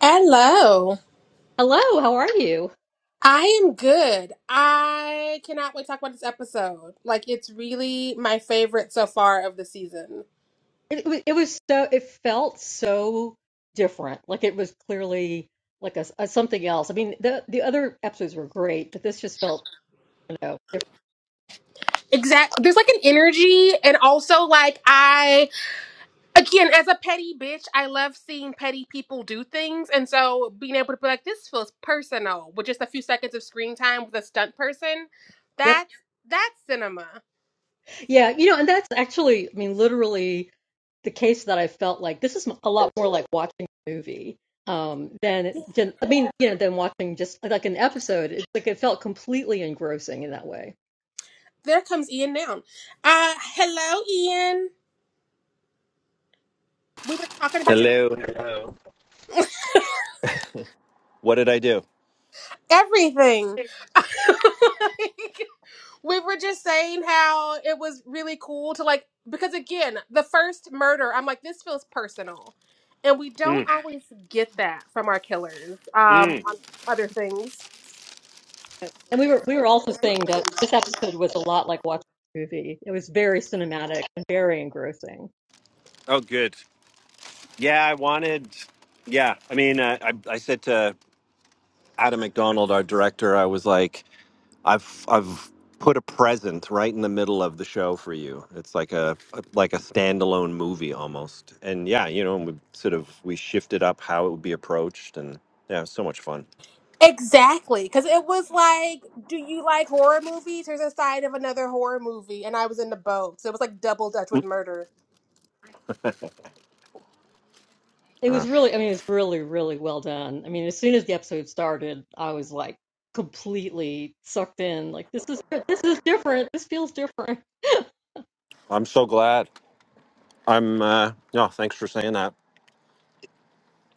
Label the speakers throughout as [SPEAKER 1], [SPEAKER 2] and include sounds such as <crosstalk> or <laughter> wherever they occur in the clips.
[SPEAKER 1] Hello.
[SPEAKER 2] Hello, how are you?
[SPEAKER 1] I am good. I cannot wait to talk about this episode. Like it's really my favorite so far of the season.
[SPEAKER 2] It, wa- it was so, it felt so different. Like it was clearly like a, s- a something else. I mean, the the other episodes were great, but this just felt, you know, different.
[SPEAKER 1] Exactly. there's like an energy and also like I again as a petty bitch, I love seeing petty people do things and so being able to be like this feels personal with just a few seconds of screen time with a stunt person.
[SPEAKER 2] Yep.
[SPEAKER 1] That's that's cinema.
[SPEAKER 2] Yeah, you know, and that's actually, I mean, literally the case that I felt like this is a lot more like watching a movie um than, than I mean, you know, than watching just like an episode. It's like it felt completely engrossing in that way.
[SPEAKER 1] There comes Ian down. Uh hello Ian. We were talking about your
[SPEAKER 3] Hello. What did I do?
[SPEAKER 1] everything. <laughs> Like, we were just saying how it was really cool to like because again, the first murder, I'm like this feels personal. And we don't
[SPEAKER 3] Mm.
[SPEAKER 1] always get that from our killers um on other things.
[SPEAKER 2] And we were we were also saying that this episode was a lot like watching a movie. It was very cinematic and very engrossing.
[SPEAKER 3] Oh, good. Yeah, I wanted. Yeah, I mean, uh, I I said to Adam McDonald, our director, I was like, I've I've put a present right in the middle of the show for you. It's like a like a standalone movie almost. And yeah, you know, we sort of we shifted up how it would be approached, and yeah, it was so much fun.
[SPEAKER 1] Exactly, cuz it was like do you like horror movies? Here's a side of another horror movie and I was in the boat. So it was like double dutch with murder.
[SPEAKER 2] It was
[SPEAKER 3] Uh,
[SPEAKER 2] really, I mean, it's really, really well done. I mean, as soon as the episode started, I was like completely sucked in. Like this is this is different. This feels different.
[SPEAKER 3] I'm so glad. I'm. Uh, no, thanks for saying that.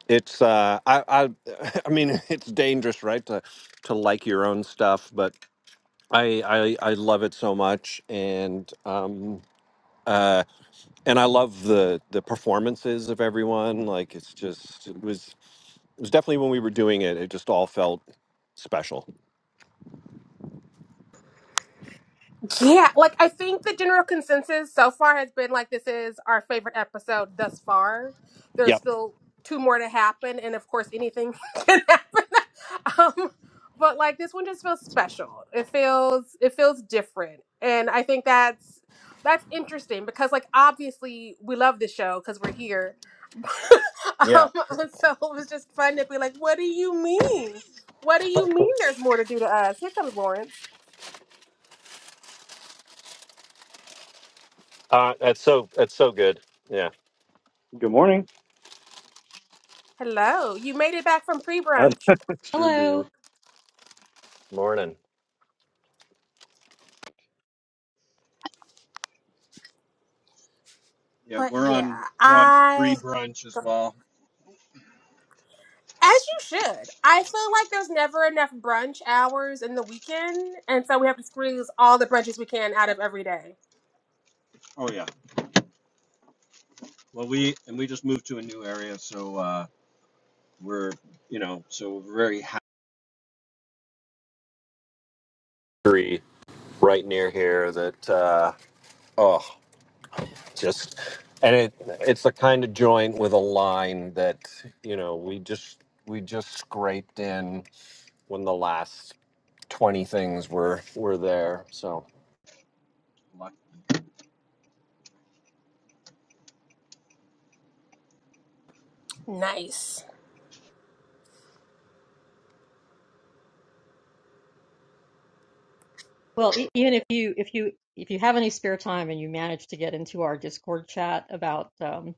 [SPEAKER 3] it's uh i i <laughs> i mean it's dangerous right to to like your own stuff but i i i love it so much and um uh and i love the the performances of everyone like it's just it was it was definitely when we were doing it it just all felt special
[SPEAKER 1] Yeah, like I think the general consensus so far has been like this is our favorite episode thus far. There's
[SPEAKER 3] yep
[SPEAKER 1] still two more to happen, and of course, anything <laughs> can happen. Um, but like this one just feels special. It feels it feels different, and I think that's that's interesting because like obviously we love the show because we're here. <laughs>
[SPEAKER 3] yeah
[SPEAKER 1] um, and so it was just fun to be like, what do you mean? What do you mean? There's more to do to us? Here comes Lawrence.
[SPEAKER 3] uh that's so that's so good yeah
[SPEAKER 4] Good morning.
[SPEAKER 1] Hello, you made it back from
[SPEAKER 4] I
[SPEAKER 1] pre-brunch.
[SPEAKER 4] <laughs> sure
[SPEAKER 2] Hello.
[SPEAKER 4] did.
[SPEAKER 3] morning Yeah,
[SPEAKER 1] But
[SPEAKER 3] we're on
[SPEAKER 1] yeah,
[SPEAKER 3] we're on
[SPEAKER 1] I
[SPEAKER 3] free brunch as
[SPEAKER 1] as
[SPEAKER 3] well.
[SPEAKER 1] you should. I feel like there's never enough brunch hours in the weekend, and so we have to squeeze all the brunches we can out of every day.
[SPEAKER 3] Oh yeah. Well, we and we just moved to a new area, so. uh We're, you know, so we're very happy. right near here that uh oh just and it it's the kind of joint with a line that you know we just we just scraped in when the last 20 things were were there so lucky.
[SPEAKER 1] Nice.
[SPEAKER 2] Well, e- even if you if you if you have any spare time and you manage to get into our Discord chat about um,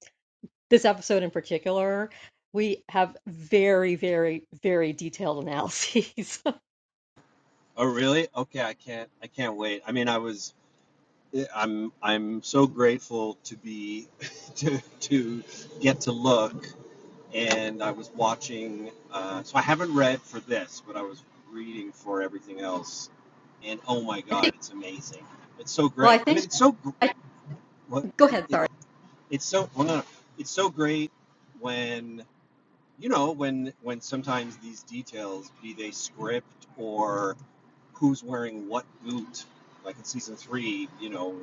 [SPEAKER 2] this episode in particular, we have very, very, very detailed analyses. <laughs>
[SPEAKER 3] Oh, really? Okay, I can't. I can't wait. I mean, I was. I'm. I'm so grateful to be <laughs> to to get to look. and I was watching. Uh, so I haven't read for this, but I was reading for everything else, and oh my
[SPEAKER 2] I think,
[SPEAKER 3] god, it's amazing! It's so
[SPEAKER 2] well, I
[SPEAKER 3] great. I
[SPEAKER 2] think
[SPEAKER 3] mean, it's so
[SPEAKER 2] I,
[SPEAKER 3] what
[SPEAKER 2] go
[SPEAKER 3] it,
[SPEAKER 2] ahead.
[SPEAKER 3] it
[SPEAKER 2] Sorry.
[SPEAKER 3] it's so well, no, no, it's so great when you know when when sometimes these details be they script or who's wearing what boot like in season three you know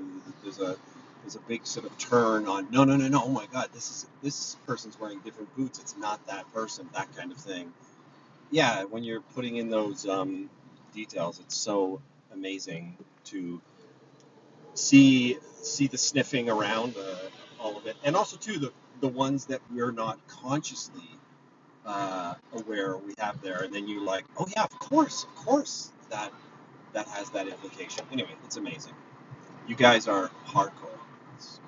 [SPEAKER 3] there's a there's a big sort of turn on no no no no oh my god this is this person's wearing different boots it's not that person that kind of thing yeah when you're putting in those um, details it's so amazing to see see the sniffing around uh, all of it and also too the the ones that we're not consciously uh, aware we have there, and then you're like, oh yeah, of course, of course, that that has that implication. Anyway, it's amazing. You guys are hardcore. It's,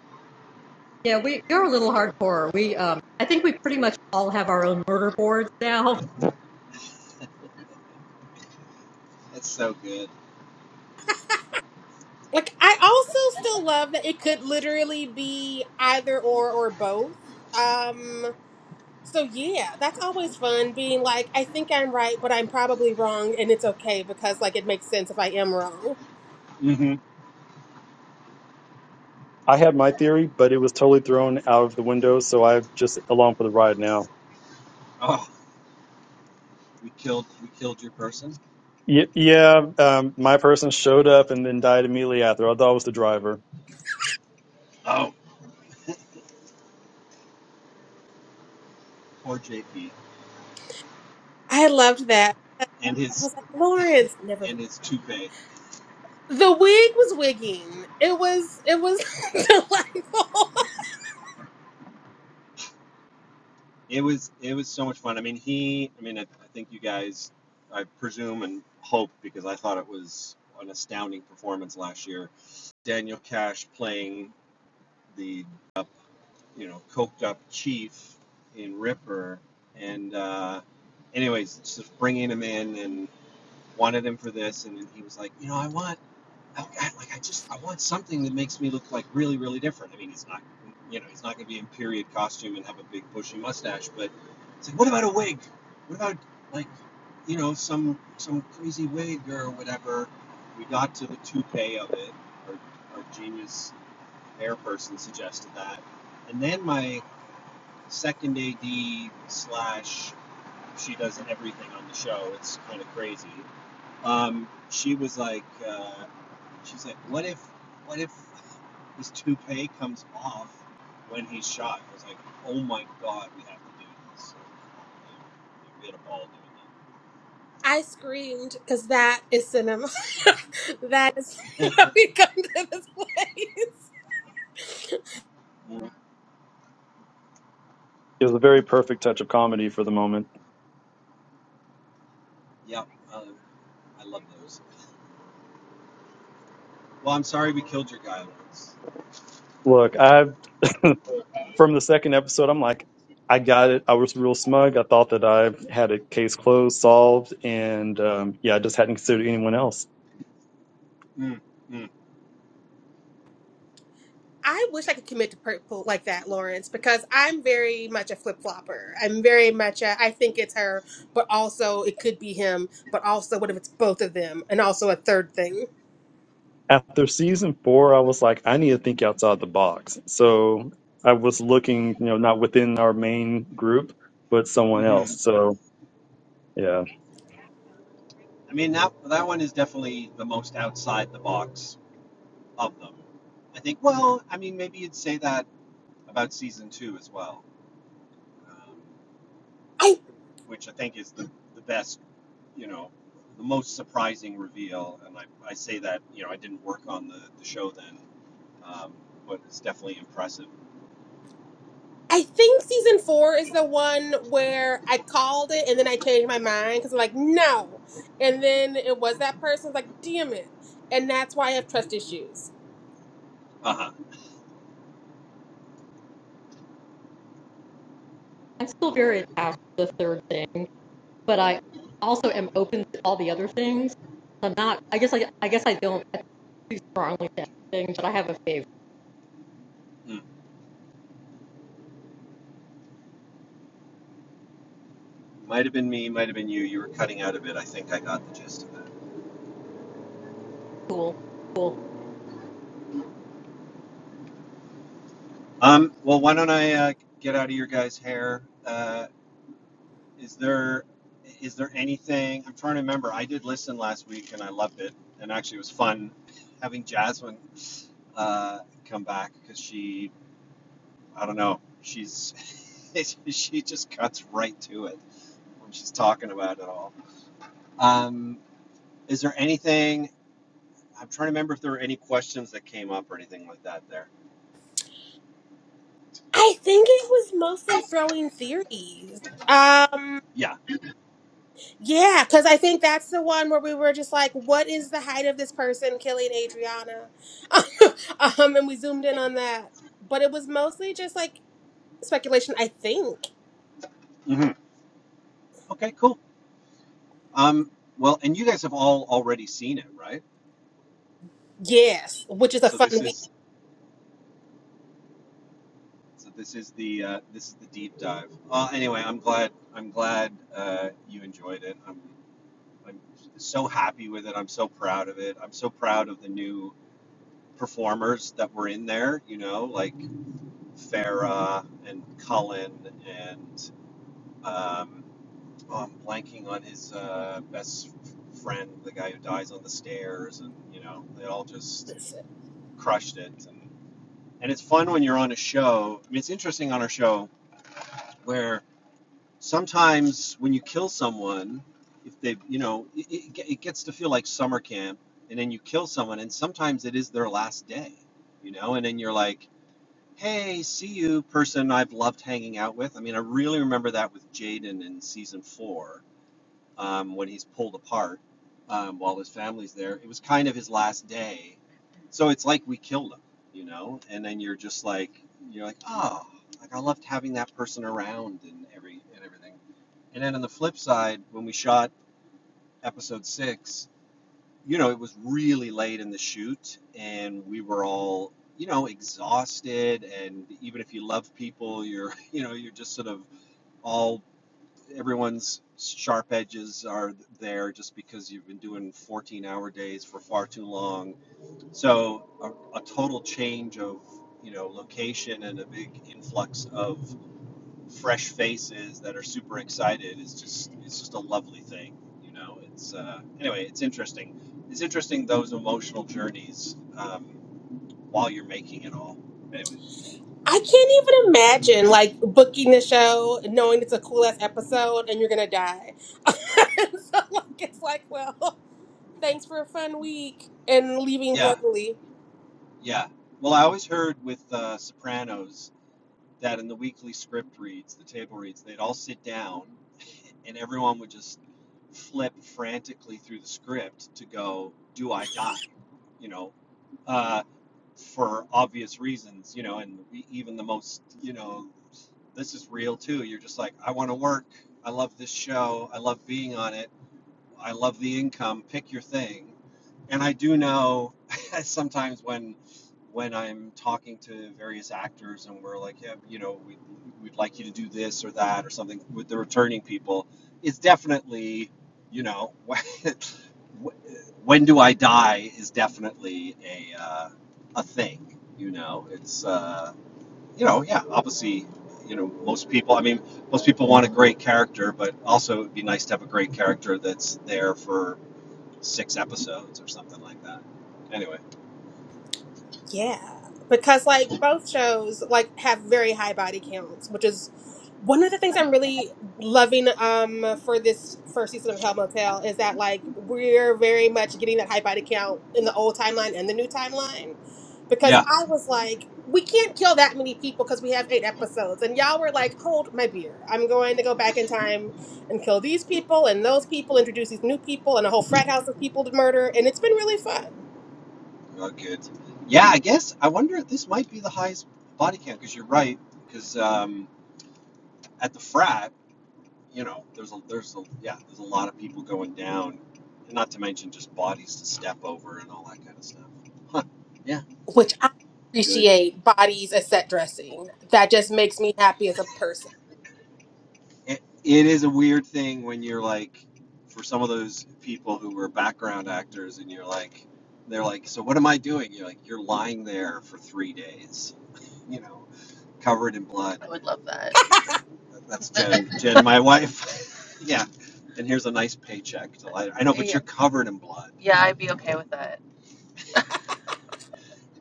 [SPEAKER 2] Yeah, we you're a little hardcore. We um, I think we pretty much all have our own murder boards now.
[SPEAKER 3] it's so good.
[SPEAKER 1] Like I also still love that it could literally be either or or both. Um so yeah, that's always fun being like I think I'm right, but I'm probably wrong and it's okay because like it makes sense if I am wrong.
[SPEAKER 3] Mm-hmm.
[SPEAKER 4] I had my theory, but it was totally thrown out of the window, so I'm just along for the ride now.
[SPEAKER 3] Oh, we killed we killed your person.
[SPEAKER 4] Yeah, yeah um, my person showed up and then died immediately after. I thought it was the driver.
[SPEAKER 3] Oh, poor JP
[SPEAKER 1] I loved that. I
[SPEAKER 3] and his
[SPEAKER 1] was like, Lawrence, never
[SPEAKER 3] and
[SPEAKER 1] mind.
[SPEAKER 3] his toupee.
[SPEAKER 1] The wig was wigging. It was it was <laughs> delightful.
[SPEAKER 3] It was it was so much fun. I mean, he. I mean, I, I think you guys. I presume and hope because I thought it was an astounding performance last year. Daniel Cash playing the you know, coked up chief in Ripper. And uh, anyways, just bringing him in and wanted him for this, and then he was like, you know, I want, I, I, like, I just, I want something that makes me look like really, really different. I mean, he's not, you know, he's not going to be in period costume and have a big bushy mustache, but it's like, what about a wig? What about like, you know, some some crazy wig or whatever? We got to the toupee of it. Our, our genius hair person suggested that, and then my second AD slash she does everything on the show. It's kind of crazy. Um, she was like, uh, she's like, what if, what if his toupee comes off when he's shot? I was like, oh my god, we have to do this. We had a ball
[SPEAKER 1] I screamed because that is cinema. <laughs> that is <laughs>
[SPEAKER 3] doing that.
[SPEAKER 1] why we come to this place.
[SPEAKER 4] It was a very perfect touch of comedy for the moment.
[SPEAKER 3] <laughs> yeah, uh, I love those. Well, I'm sorry we killed your guy once.
[SPEAKER 4] Look, I from the second episode, I'm like, I got it. I was real smug. I thought that I had a case closed, solved, and um, yeah, I just hadn't considered anyone else.
[SPEAKER 3] Mm, mm,
[SPEAKER 1] I wish I could commit to purple like that, Lawrence, because I'm very much a flip flopper. I'm very much a I think it's her, but also it could be him, but also what if it's both of them, and also a third thing.
[SPEAKER 4] after season four, I was like, I need to think outside the box. So I was looking, you know, not within our main group, but someone
[SPEAKER 3] hmm
[SPEAKER 4] else. So yeah,
[SPEAKER 3] I mean that that one is definitely the most outside the box of them. I think, well, I mean, maybe you'd say that about season two as well, um, which I think is the, the best, you know, the most surprising reveal. And I, I say that, you know, I didn't work on the, the show then, um, but it's definitely impressive.
[SPEAKER 1] I think season four is the one where I called it and then I changed my mind because I'm like, no. And then it was that person's like, damn it. And that's why I have trust issues.
[SPEAKER 3] Uh huh.
[SPEAKER 2] I'm still very attached to the third thing, but I also am open to all the other things. I'm not. I guess I I guess I don't too strongly to anything, but I have a favorite.
[SPEAKER 3] Might have been me, might have been you. You were cutting out a bit. I think I got the gist of it.
[SPEAKER 2] Cool, cool.
[SPEAKER 3] Um, well, why don't I uh, get out of your guys' hair? Uh, Is there is there anything I'm trying to remember? I did listen last week and I loved it, and actually it was fun having Jasmine uh, come back because she I don't know she's <laughs> she just cuts right to it when she's talking about it all. Um, is there anything I'm trying to remember if there were any questions that came up or anything like that there?
[SPEAKER 1] I think it was mostly throwing theories. Um,
[SPEAKER 3] Yeah.
[SPEAKER 1] yeah, because I think that's the one where we were just like, what is the height of this person killing Adriana? <laughs> um, and we zoomed in on that. But it was mostly just like speculation, I think.
[SPEAKER 3] hmm Okay. Cool. Um, well, and you guys have all already seen it, right?
[SPEAKER 1] Yes, which is a
[SPEAKER 3] So this
[SPEAKER 1] fun week.
[SPEAKER 3] is So this is the uh, this is the deep dive. Uh, anyway, I'm glad I'm glad uh, you enjoyed it. I'm I'm so happy with it. I'm so proud of it. I'm so proud of the new performers that were in there. You know, like Farah and Cullen and um, oh, I'm blanking on his uh, best friend, the guy who dies on the stairs, and you know, they all just crushed it. And, and it's fun when you're on a show. I mean, it's interesting on our show where sometimes when you kill someone, if they, you know, it, it, gets to feel like summer camp, and then you kill someone, and sometimes it is their last day, you know, and then you're like, hey, see you, person I've loved hanging out with. I mean, I really remember that with Jaden in season four um, when he's pulled apart um, while his family's there. It was kind of his last day. So it's like we killed him, you know? And then you're just like, you're like, oh, like I loved having that person around and every and everything. And then on the flip side, when we shot episode six, you know, it was really late in the shoot and we were all, you know, exhausted. And even if you love people, you're, <laughs> you know, you're just sort of all everyone's sharp edges are there just because you've been doing 14 hour days for far too long. So a, a total change of you know location and a big influx of fresh faces that are super excited is just it's just a lovely thing. You know, it's uh, anyway, it's interesting. It's interesting those emotional journeys um, while you're making it all. Anyway,
[SPEAKER 1] I can't even imagine like booking the show, knowing it's a cool ass episode, and you're gonna die. <laughs> so like, it's like, well, thanks for a fun week, and leaving
[SPEAKER 3] yeah,
[SPEAKER 1] bloodily.
[SPEAKER 3] yeah. Well, I always heard with uh, Sopranos that in the weekly script reads, the table reads, they'd all sit down and everyone would just flip frantically through the script to go, do I die? You know, uh, for obvious reasons, you know, and even the most, you know, this is real too. You're just like, I want to work. I love this show. I love being on it I love the income. Pick your thing. And I do know <laughs> sometimes when when I'm talking to various actors and we're like, yeah, you know, we, we'd like you to do this or that or something with the returning people, it's definitely, you know, <laughs> when do I die is definitely a uh, a thing. You know, it's uh, you know, yeah, obviously, you know, most people. I mean, most people want a great character, but also it'd be nice to have a great character that's there for six episodes or something like that. Anyway,
[SPEAKER 1] Yeah, because like both shows like have very high body counts, which is one of the things I'm really loving um for this first season of Hell Motel is that like we're very much getting that high body count in the old timeline and the new timeline. Because
[SPEAKER 3] yeah,
[SPEAKER 1] I was like, we can't kill that many people because we have eight episodes. And y'all were like, hold my beer. I'm going to go back in time and kill these people and those people, introduce these new people and a whole frat house of people to murder. And it's been really fun.
[SPEAKER 3] well, good. Yeah, I guess I wonder this might be the highest body count because you're right. Because um, at the frat, you know, there's a there's a yeah there's a lot of people going down, and not to mention just bodies to step over and all that kind of stuff. Huh. Yeah,
[SPEAKER 1] which I
[SPEAKER 3] good.
[SPEAKER 1] appreciate bodies as set dressing. That just makes me happy as a person.
[SPEAKER 3] it, it is a weird thing when you're like for some of those people who were background actors and you're like they're like so what am i doing you're like you're lying there for three days <laughs> you know covered in blood I would love that. that's jen <laughs> jen my wife <laughs> yeah and here's a nice paycheck to lie. i know but yeah, you're covered in blood yeah, I'd be okay with that.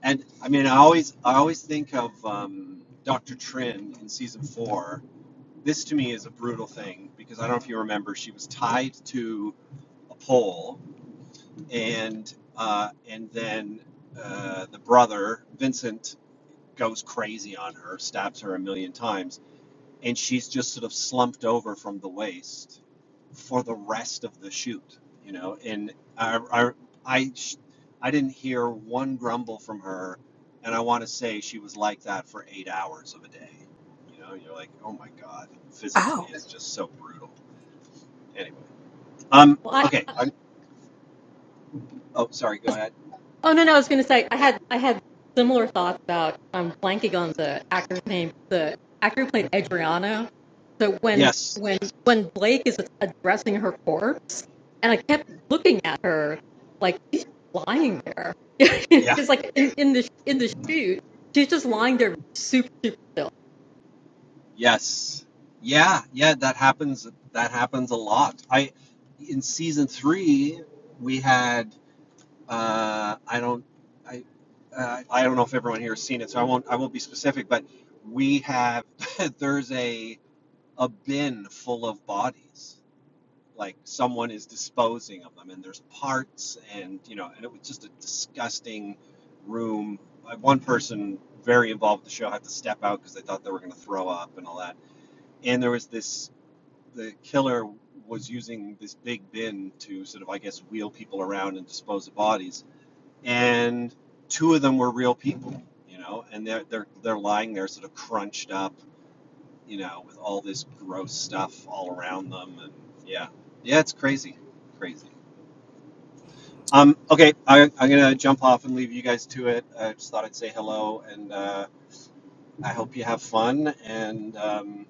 [SPEAKER 3] and i mean i always i always think of um, dr trin in season four This to me is a brutal thing because I don't know if you remember, she was tied to a pole, and uh, and then uh, the brother Vincent goes crazy on her, stabs her a million times and she's just sort of slumped over from the waist for the rest of the shoot, you know. And I, I, I, I didn't hear one grumble from her, and I want to say she was like that for eight hours of a day. You know, you're like, oh my god, physically
[SPEAKER 1] Oh.
[SPEAKER 3] it's just so brutal. Anyway, um,
[SPEAKER 2] Well, I
[SPEAKER 3] okay. I'm, oh, sorry. Go ahead.
[SPEAKER 2] Oh no, no, I was going to say I had I had similar thoughts about I'm blanking on the actor's name. The actor who played Adriano. So when
[SPEAKER 3] Yes.
[SPEAKER 2] when when Blake is addressing her corpse, and I kept looking at her like she's lying there, <laughs>
[SPEAKER 3] Yeah.
[SPEAKER 2] just like in, in the in the shoot, she's just lying there super super still.
[SPEAKER 3] Yes. Yeah. Yeah. That happens. That happens a lot. I in season three we had Uh, I don't, I, uh, I don't know if everyone here has seen it, so I won't, I won't be specific. But we have, <laughs> there's a a bin full of bodies. Like someone is disposing of them, and there's parts, and you know, and it was just a disgusting room. Like, One person very involved with the show had to step out because they thought they were going to throw up and all that. And there was this, the killer was using this big bin to sort of, I guess, wheel people around and dispose of bodies and two of them were real people, you know, and they're they're they're lying there sort of crunched up, you know, with all this gross stuff all around them, and yeah, yeah, it's crazy, crazy. Um, okay, I, I'm gonna jump off and leave you guys to it. I just thought I'd say hello, and uh, I hope you have fun, and um,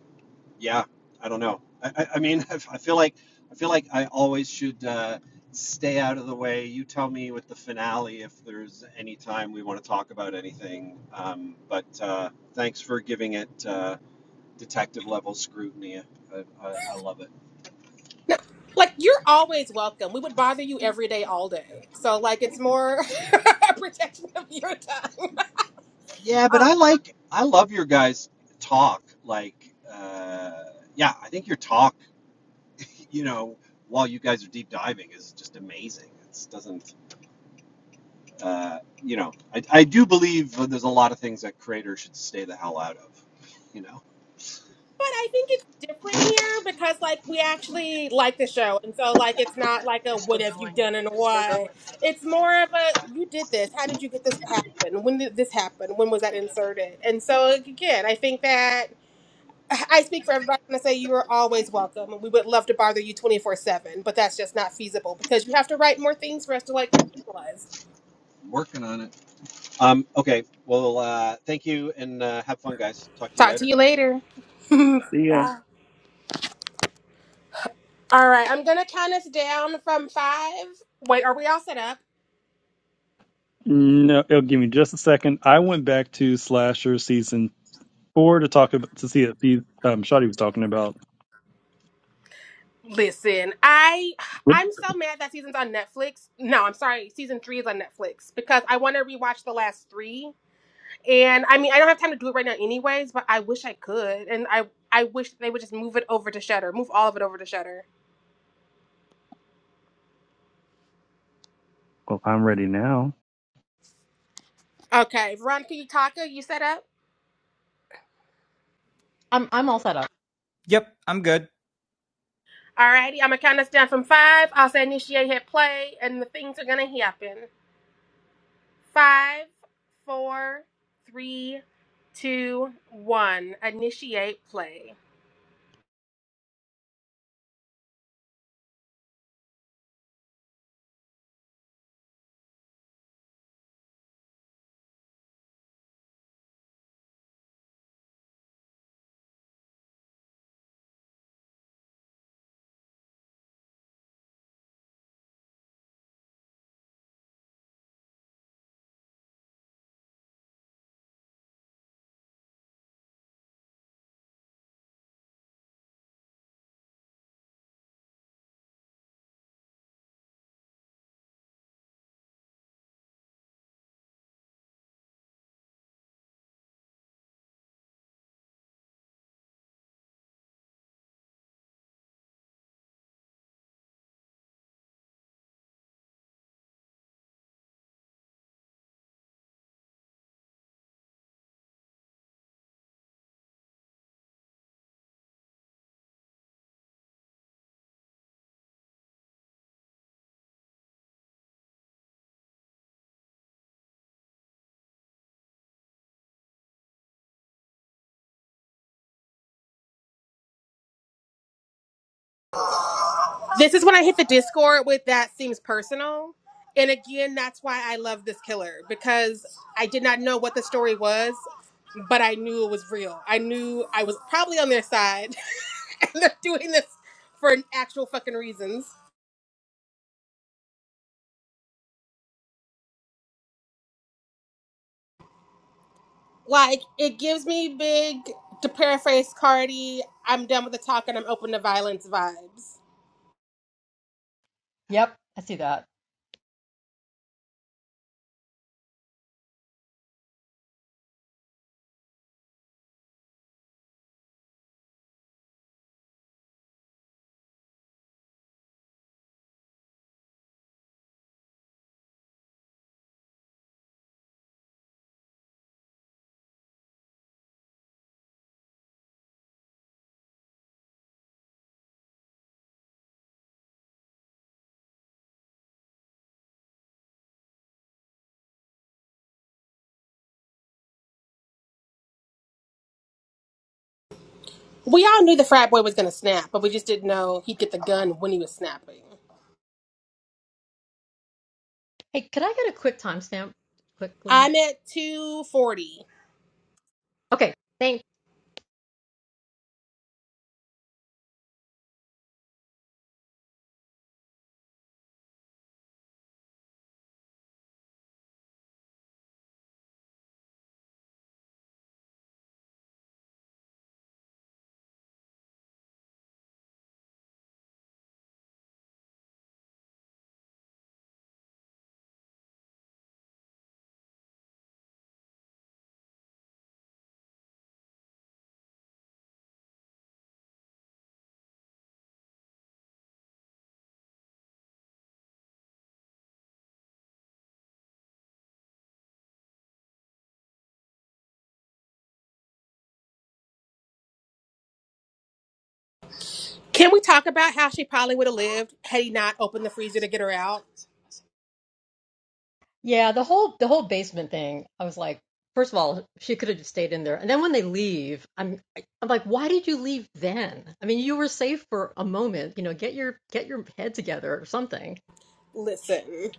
[SPEAKER 3] yeah, I don't know. I, I, I mean, <laughs> I, feel like I feel like I always should uh, stay out of the way. You tell me with the finale if there's any time we want to talk about anything. Um, but uh, thanks for giving it uh, detective level scrutiny. I, I, I love it.
[SPEAKER 1] No, like you're always welcome. We would bother you every day, all day. So like it's more <laughs> a protection of your time.
[SPEAKER 3] Yeah, but
[SPEAKER 1] Uh,
[SPEAKER 3] I like I love your guys' talk. Like, uh, yeah, I think your talk, you know, while you guys are deep diving, is just amazing. It doesn't uh, you know, I, I do believe that there's a lot of things that creators should stay the hell out of. You know,
[SPEAKER 1] but I think it's different here because like we actually like the show, and so like it's not like a
[SPEAKER 3] You're
[SPEAKER 1] what
[SPEAKER 3] still
[SPEAKER 1] have you
[SPEAKER 3] going.
[SPEAKER 1] done and
[SPEAKER 3] You're still
[SPEAKER 1] why.
[SPEAKER 3] going.
[SPEAKER 1] It's more of a you did this. How did you get this to happen? When did this happen? When was that inserted? And so again, I think that. I speak for everybody when I say you are always welcome, and we would love to bother you twenty four seven, but that's just not feasible because you have to write more things for us to like realize.
[SPEAKER 3] working on it. Um, okay. Well, uh, thank you and uh, have fun, guys. Talk to you
[SPEAKER 1] Talk to
[SPEAKER 3] later.
[SPEAKER 1] you later. <laughs>
[SPEAKER 4] yeah.
[SPEAKER 1] Bye. All right, I'm gonna count us down from five. Wait, are we all set up?
[SPEAKER 4] No, it'll give me just a second. I went back to Slasher season four to talk about to see if he, um, Shotty was talking about.
[SPEAKER 1] Listen, I
[SPEAKER 4] What?
[SPEAKER 1] I'm so mad that season's on Netflix. No, I'm sorry, season three is on Netflix because I want to rewatch the last three. And I mean, I don't have time to do it right now, anyways. But I wish I could, and I I wish they would just move it over to Shutter, move all of it over to Shutter.
[SPEAKER 4] Well, I'm ready now.
[SPEAKER 1] Okay, Veronica Utaka, you set up?
[SPEAKER 2] I'm I'm all set up.
[SPEAKER 5] Yep, I'm good.
[SPEAKER 1] Alrighty, I'm gonna count us down from five. I'll say initiate hit play, and the things are gonna happen. Five, four, three, two, one. Initiate play. This is when I hit the Discord with that seems personal. And again, that's why I love this killer because I did not know what the story was, but I knew it was real. I knew I was probably on their side. <laughs> and they're doing this for actual fucking reasons. Like it gives me big to paraphrase Cardi, I'm done with the talk and I'm open to violence vibes.
[SPEAKER 2] Yep, I see that.
[SPEAKER 1] We all knew the frat boy was gonna snap, but we just didn't know he'd get the gun when he was snapping.
[SPEAKER 2] Hey, could I get a quick timestamp quickly?
[SPEAKER 1] I'm at 240.
[SPEAKER 2] Okay, thanks.
[SPEAKER 1] Can we talk about how she probably would have lived had he not opened the freezer to get her out?
[SPEAKER 2] Yeah, the whole the whole basement thing. I was like, first of all, she could have just stayed in there. And then when they leave, I'm I'm like, why did you leave then? I mean, you were safe for a moment. You know, get your get your head together or something.
[SPEAKER 1] Listen,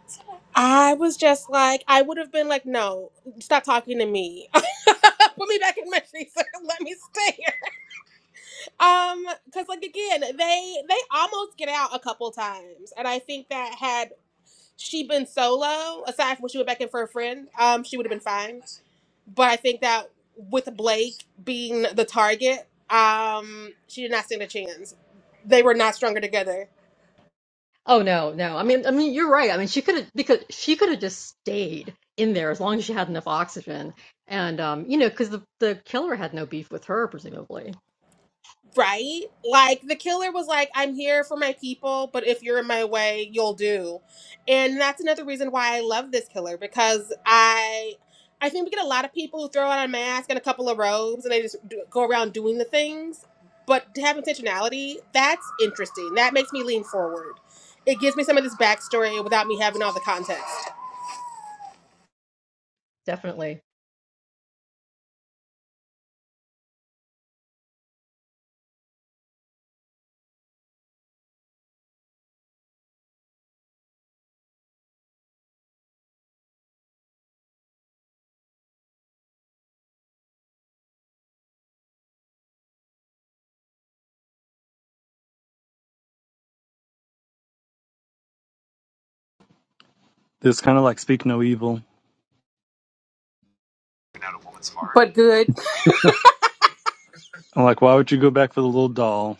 [SPEAKER 1] I was just like, I would have been like, no, stop talking to me. <laughs> Put me back in my freezer. <laughs> Let me stay Um, because like again, they they almost get out a couple times, and I think that had she been solo, aside from when she went back in for a friend, um, she would have been fine. But I think that with Blake being the target, um, she did not stand a chance. They were not stronger together.
[SPEAKER 2] Oh no, no. I mean, I mean, you're right. I mean, she could have because she could have just stayed in there as long as she had enough oxygen. And um, you know, because the the killer had no beef with her, presumably.
[SPEAKER 1] Right? Like the killer was like, I'm here for my people, but if you're in my way, you'll do. And that's another reason why I love this killer because I I think we get a lot of people who throw out a mask and a couple of robes and they just do, go around doing the things, but to have intentionality, that's interesting. That makes me lean forward. It gives me some of this backstory without me having all the context.
[SPEAKER 2] Definitely.
[SPEAKER 4] It's kind of like Speak No Evil.
[SPEAKER 1] But good.
[SPEAKER 4] I'm like, why would you go back for the little doll?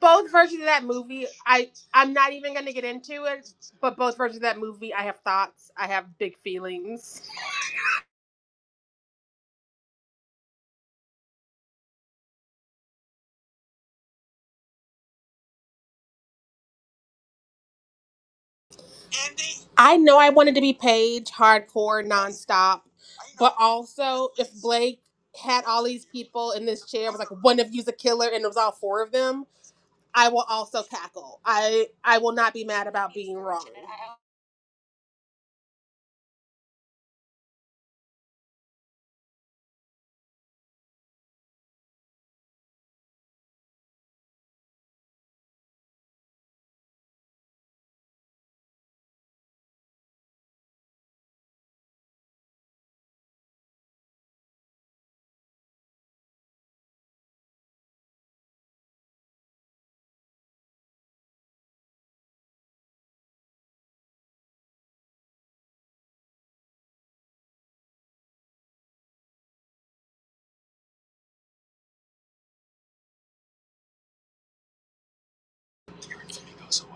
[SPEAKER 1] both versions of that movie i i'm not even gonna get into it but both versions of that movie i have thoughts i have big feelings i know i wanted to be paige hardcore nonstop but also if blake had all these people in this chair was like one of you's a killer and it was all four of them i will also cackle i i will not be mad about being wrong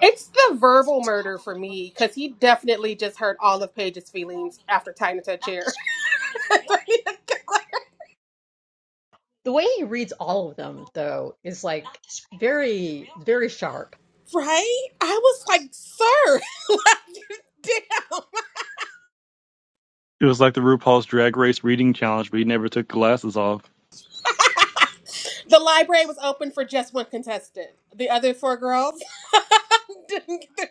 [SPEAKER 1] it's the verbal murder for me because he definitely just hurt all of paige's feelings after tying it to a chair <laughs>
[SPEAKER 2] The way he reads all of them, though, is like very, very sharp
[SPEAKER 1] Right? I was like, sir, <laughs> damn.
[SPEAKER 4] It was like the RuPaul's Drag Race reading challenge, but he never took glasses off.
[SPEAKER 1] The library was open for just one contestant. The other four girls <laughs> didn't get their.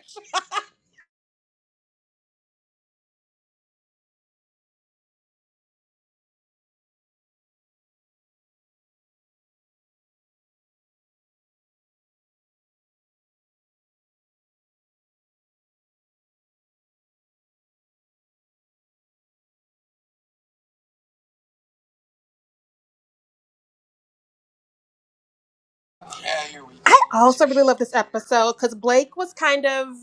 [SPEAKER 1] I also really love this episode because Blake was kind of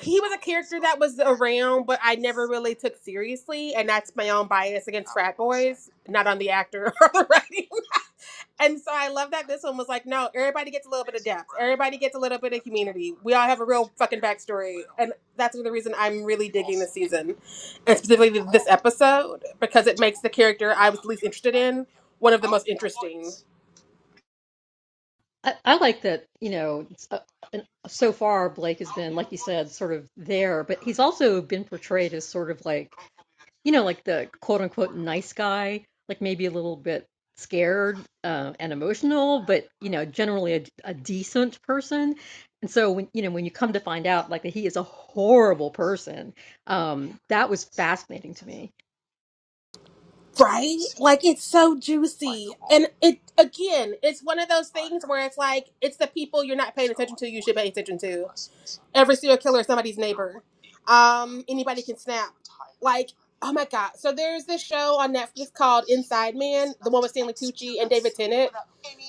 [SPEAKER 1] he was a character that was around, but I never really took seriously, and that's my own bias against frat boys, not on the actor <laughs> or the writing. And so I love that this one was like, no, everybody gets a little bit of depth. Everybody gets a little bit of community. We all have a real fucking backstory. And that's the reason I'm really digging this season, and specifically this episode, because it makes the character I was least interested in one of the most interesting.
[SPEAKER 2] I, I like that, you know, it's, uh, and so far Blake has been, like you said, sort of there, but he's also been portrayed as sort of like, you know, like the quote unquote nice guy, like maybe a little bit scared uh, and emotional, but, you know, generally a, a decent person. And so when, you know, when you come to find out like that he is a horrible person, um, that was fascinating to me.
[SPEAKER 1] Right? Like, it's so juicy. And it, again, it's one of those things where it's like, it's the people you're not paying attention to, you should pay attention to. every serial killer is somebody's neighbor. Um, anybody can snap. Like, oh my god. So there's this show on Netflix called Inside Man, the one with Stanley Tucci and David Tennant.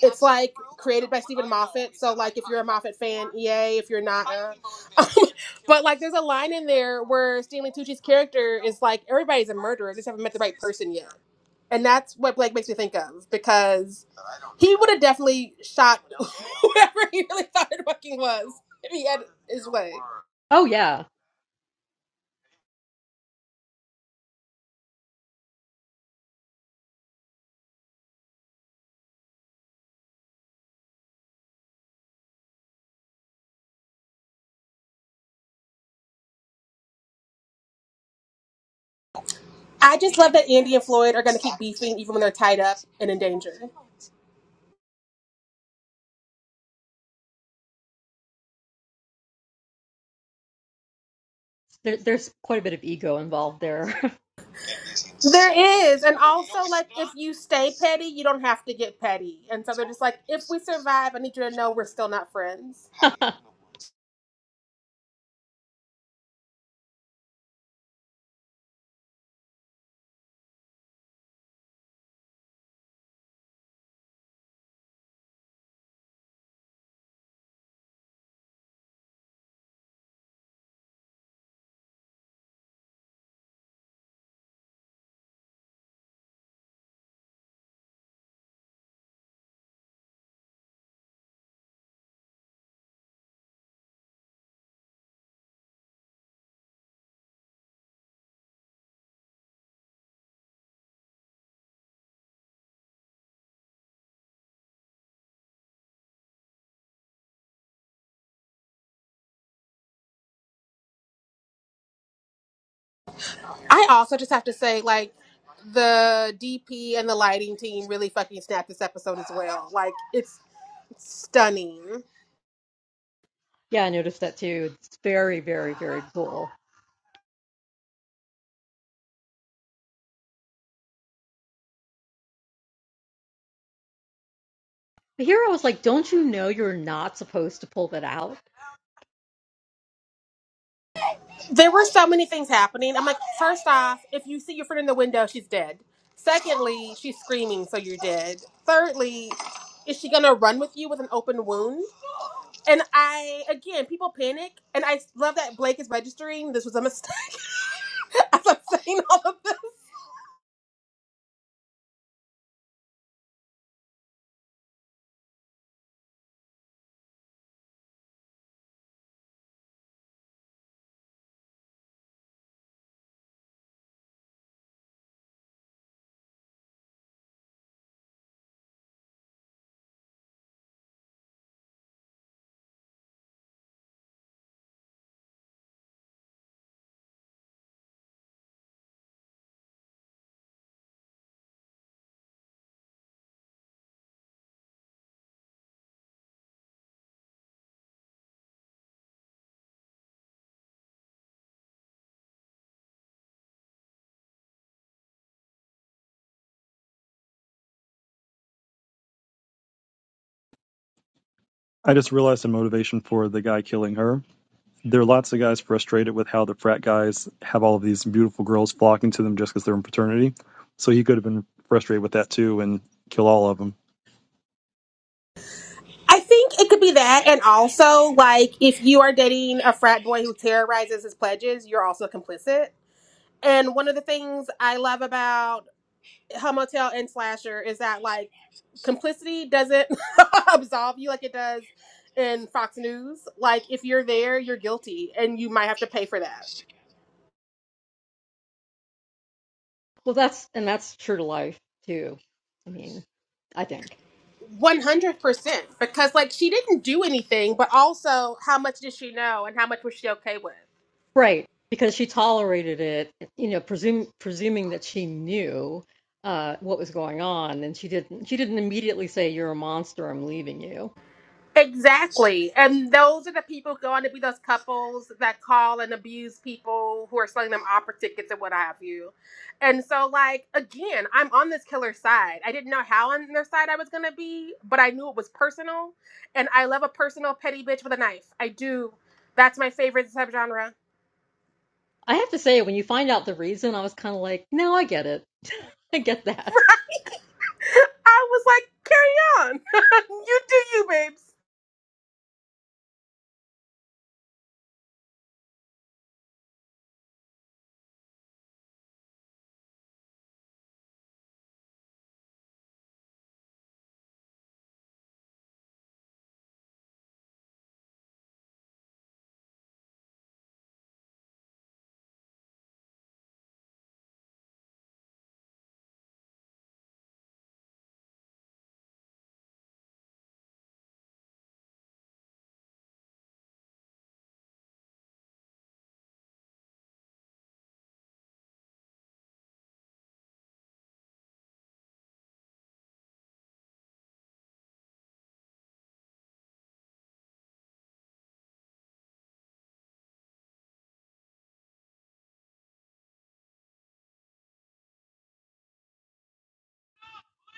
[SPEAKER 1] It's like created by Stephen Moffat. So like, if you're a Moffat fan, yay. If you're not, uh. <laughs> but like, there's a line in there where Stanley Tucci's character is like, everybody's a murderer. They just haven't met the right person yet. And that's what Blake makes me think of because he would have definitely shot <laughs> whoever he really thought it fucking was if he had his way.
[SPEAKER 2] Oh, yeah.
[SPEAKER 1] I just love that Andy and Floyd are going to keep beefing even when they're tied up and in danger.
[SPEAKER 2] There, there's quite a bit of ego involved there.
[SPEAKER 1] There is. And also, like, if you stay petty, you don't have to get petty. And so they're just like, if we survive, I need you to know we're still not friends.
[SPEAKER 2] <laughs>
[SPEAKER 1] I also just have to say, like, the DP and the lighting team really fucking snapped this episode as well. Like, it's stunning.
[SPEAKER 2] Yeah, I noticed that too. It's very, very, very cool. But here I was like, don't you know you're not supposed to pull that out?
[SPEAKER 1] There were so many things happening. I'm like, first off, if you see your friend in the window, she's dead. Secondly, she's screaming, so you're dead. Thirdly, is she gonna run with you with an open wound? And I, again, people panic, and I love that Blake is registering. This was a mistake. <laughs> As I'm saying all of this,
[SPEAKER 4] I just realized the motivation for the guy killing her there are lots of guys frustrated with how the frat guys have all of these beautiful girls flocking to them just because they're in fraternity. So he could have been frustrated with that too and kill all of them.
[SPEAKER 1] I think it could be that, and also like if you are dating a frat boy who terrorizes his pledges, you're also complicit. And one of the things I love about Homotel and Slasher is that like complicity doesn't <laughs> absolve you like it does in Fox News. Like if you're there, you're guilty and you might have to pay for that.
[SPEAKER 2] Well, that's, and that's true to life too. I mean, I think.
[SPEAKER 1] 100% because like she didn't do anything, but also how much did she know and how much was she okay with?
[SPEAKER 2] Right. Because she tolerated it, you know, presume, presuming that she knew uh, what was going on, and she didn't. She didn't immediately say, "You're a monster. I'm leaving you."
[SPEAKER 1] Exactly. And those are the people going to be those couples that call and abuse people who are selling them opera tickets and what have you. And so, like, again, I'm on this killer side. I didn't know how on their side I was going to be, but I knew it was personal. And I love a personal petty bitch with a knife. I do. That's my favorite subgenre.
[SPEAKER 2] I have to say, when you find out the reason, I was kind of like, "No, I get it. I get that."
[SPEAKER 1] <laughs> I was like, carry on. <laughs> you do you, babes.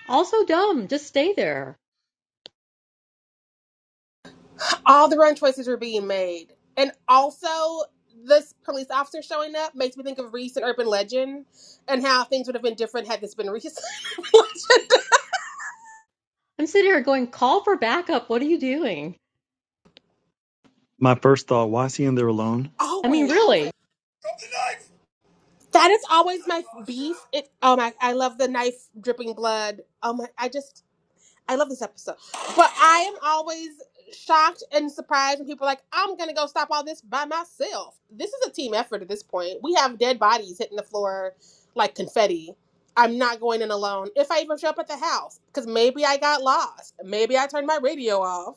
[SPEAKER 2] Also, dumb. Just stay there.
[SPEAKER 1] all the wrong choices were being made. And also, this police officer showing up makes me think of recent urban legend and how things would have been different had this been recent. <laughs>
[SPEAKER 2] I'm sitting here going, call for backup. What are you doing?
[SPEAKER 4] My first thought: Why is he in there alone?
[SPEAKER 2] I mean,
[SPEAKER 1] always.
[SPEAKER 2] really,
[SPEAKER 1] That is always my beef. It, oh my, I love the knife dripping blood. Oh my, I just, I love this episode. But I am always shocked and surprised when people are like, I'm going to go stop all this by myself. This is a team effort at this point. We have dead bodies hitting the floor like confetti. I'm not going in alone if I even show up at the house because maybe I got lost. Maybe I turned my radio off.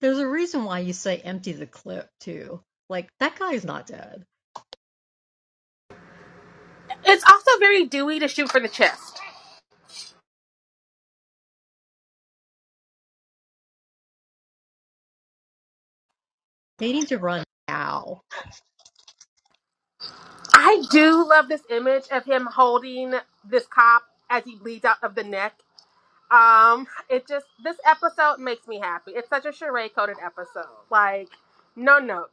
[SPEAKER 2] there's a reason why you say empty the clip, too. Like, that guy's not dead.
[SPEAKER 1] It's also very Dewey to shoot for the chest.
[SPEAKER 2] They need to run now.
[SPEAKER 1] I do love this image of him holding this cop as he bleeds out of the neck Um, it just this episode makes me happy. It's such a charade coded episode. Like, no notes.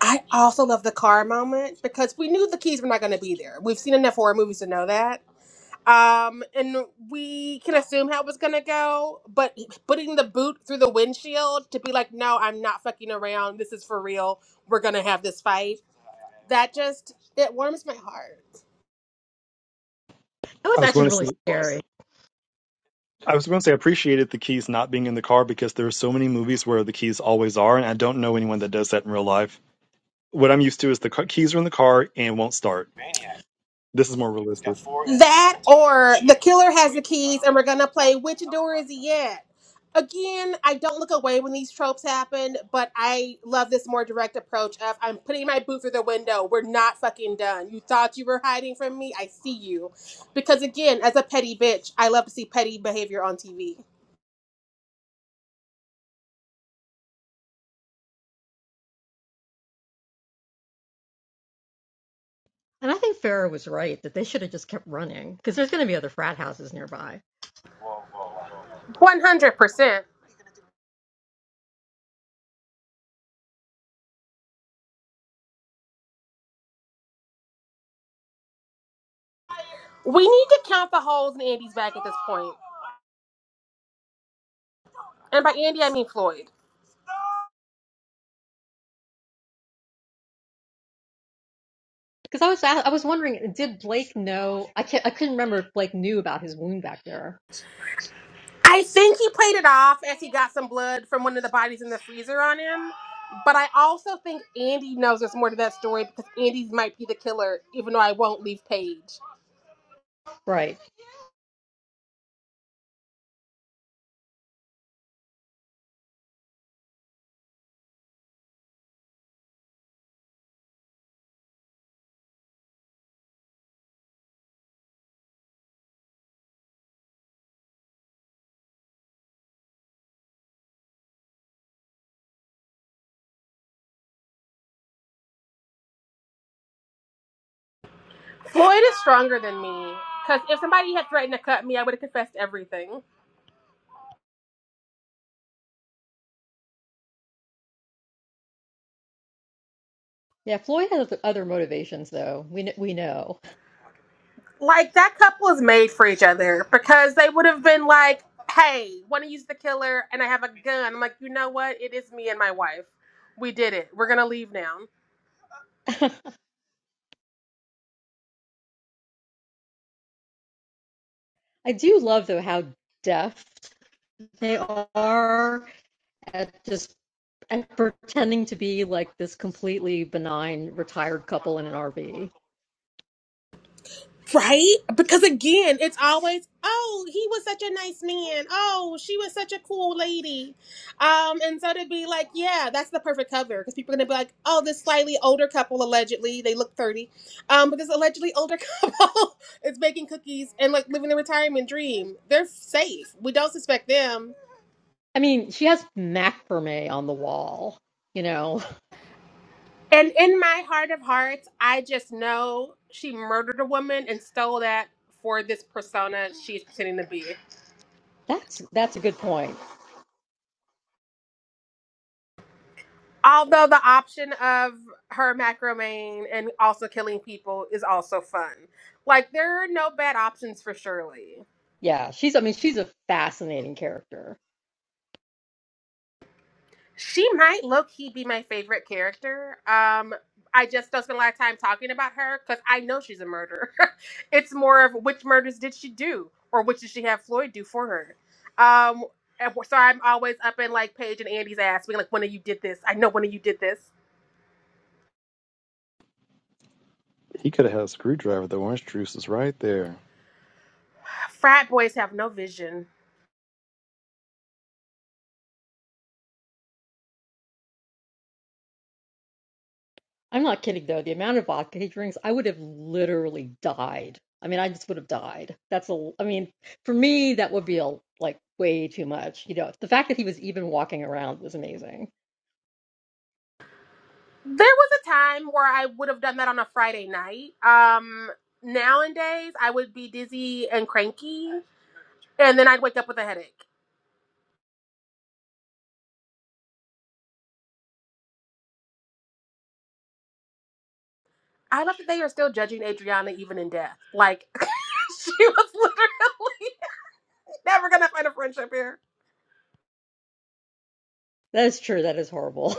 [SPEAKER 1] I also love the car moment because we knew the keys were not going to be there. We've seen enough horror movies to know that. Um, and we can assume how it was going to go, but putting the boot through the windshield to be like, no, I'm not fucking around. This is for real. We're going to have this fight. That just, it warms my heart.
[SPEAKER 2] That
[SPEAKER 4] I
[SPEAKER 2] was
[SPEAKER 4] was
[SPEAKER 2] actually
[SPEAKER 4] going to
[SPEAKER 2] really
[SPEAKER 4] say.
[SPEAKER 2] scary.
[SPEAKER 4] I was going to say I appreciated the keys not being in the car because there are so many movies where the keys always are, and I don't know anyone that does that in real life. What I'm used to is the ca- keys are in the car and won't start. This is more realistic.
[SPEAKER 1] That or the killer has the keys and we're gonna play which door is he at? Again, I don't look away when these tropes happen, but I love this more direct approach of I'm putting my boot through the window. We're not fucking done. You thought you were hiding from me. I see you. Because again, as a petty bitch, I love to see petty behavior on TV.
[SPEAKER 2] And I think Farrah was right that they should have just kept running because there's going to be other frat houses nearby.
[SPEAKER 1] 100%. We need to count the holes in Andy's bag at this point. And by Andy, I mean Floyd.
[SPEAKER 2] Because I was I was wondering, did Blake know? I can't, I couldn't remember if Blake knew about his wound back there.
[SPEAKER 1] I think he played it off as he got some blood from one of the bodies in the freezer on him. But I also think Andy knows there's more to that story because Andy might be the killer, even though I won't leave Paige.
[SPEAKER 2] Right.
[SPEAKER 1] Floyd is stronger than me. Because if somebody had threatened to cut me, I would have confessed everything.
[SPEAKER 2] Yeah, Floyd has other motivations, though. We we know.
[SPEAKER 1] Like, that couple is made for each other because they would have been like, hey, want to use the killer and I have a gun. I'm like, you know what? It is me and my wife. We did it. We're going to leave now.
[SPEAKER 2] <laughs> I do love though how deft they are at just and pretending to be like this completely benign retired couple in an RV.
[SPEAKER 1] Right? Because again, it's always, oh, he was such a nice man. Oh, she was such a cool lady. Um, and so to be like, yeah, that's the perfect cover because people are gonna be like, oh, this slightly older couple allegedly, they look 30. Um, but this allegedly older <laughs> couple is making cookies and like living the retirement dream. They're safe. We don't suspect them.
[SPEAKER 2] I mean, she has macrame on the wall. You know,
[SPEAKER 1] And in my heart of hearts, I just know she murdered a woman and stole that for this persona she's pretending to be.
[SPEAKER 2] that's that's a good point.
[SPEAKER 1] Although the option of her macrame and also killing people is also fun. Like there are no bad options for Shirley.
[SPEAKER 2] Yeah, she's. I mean, she's a fascinating character.
[SPEAKER 1] She might low key be my favorite character. Um, I just don't spend a lot of time talking about her because I know she's a murderer. <laughs> it's more of which murders did she do or which did she have Floyd do for her. Um, and w- so I'm always up in like Paige and Andy's ass being like, one of you did this. I know one of you did this.
[SPEAKER 4] He could have had a screwdriver though. Orange juice is right there.
[SPEAKER 1] Frat boys have no vision
[SPEAKER 2] I'm not kidding though. The amount of vodka he drinks, I would have literally died. I mean, I just would have died. That's a. I mean, for me, that would be a, like way too much. You know, the fact that he was even walking around was amazing.
[SPEAKER 1] There was a time where I would have done that on a Friday night. Um, nowadays, I would be dizzy and cranky, and then I'd wake up with a headache. I love that they are still judging Adriana even in death. Like, <laughs> she was literally never gonna find a friendship here.
[SPEAKER 2] That is true. That is horrible.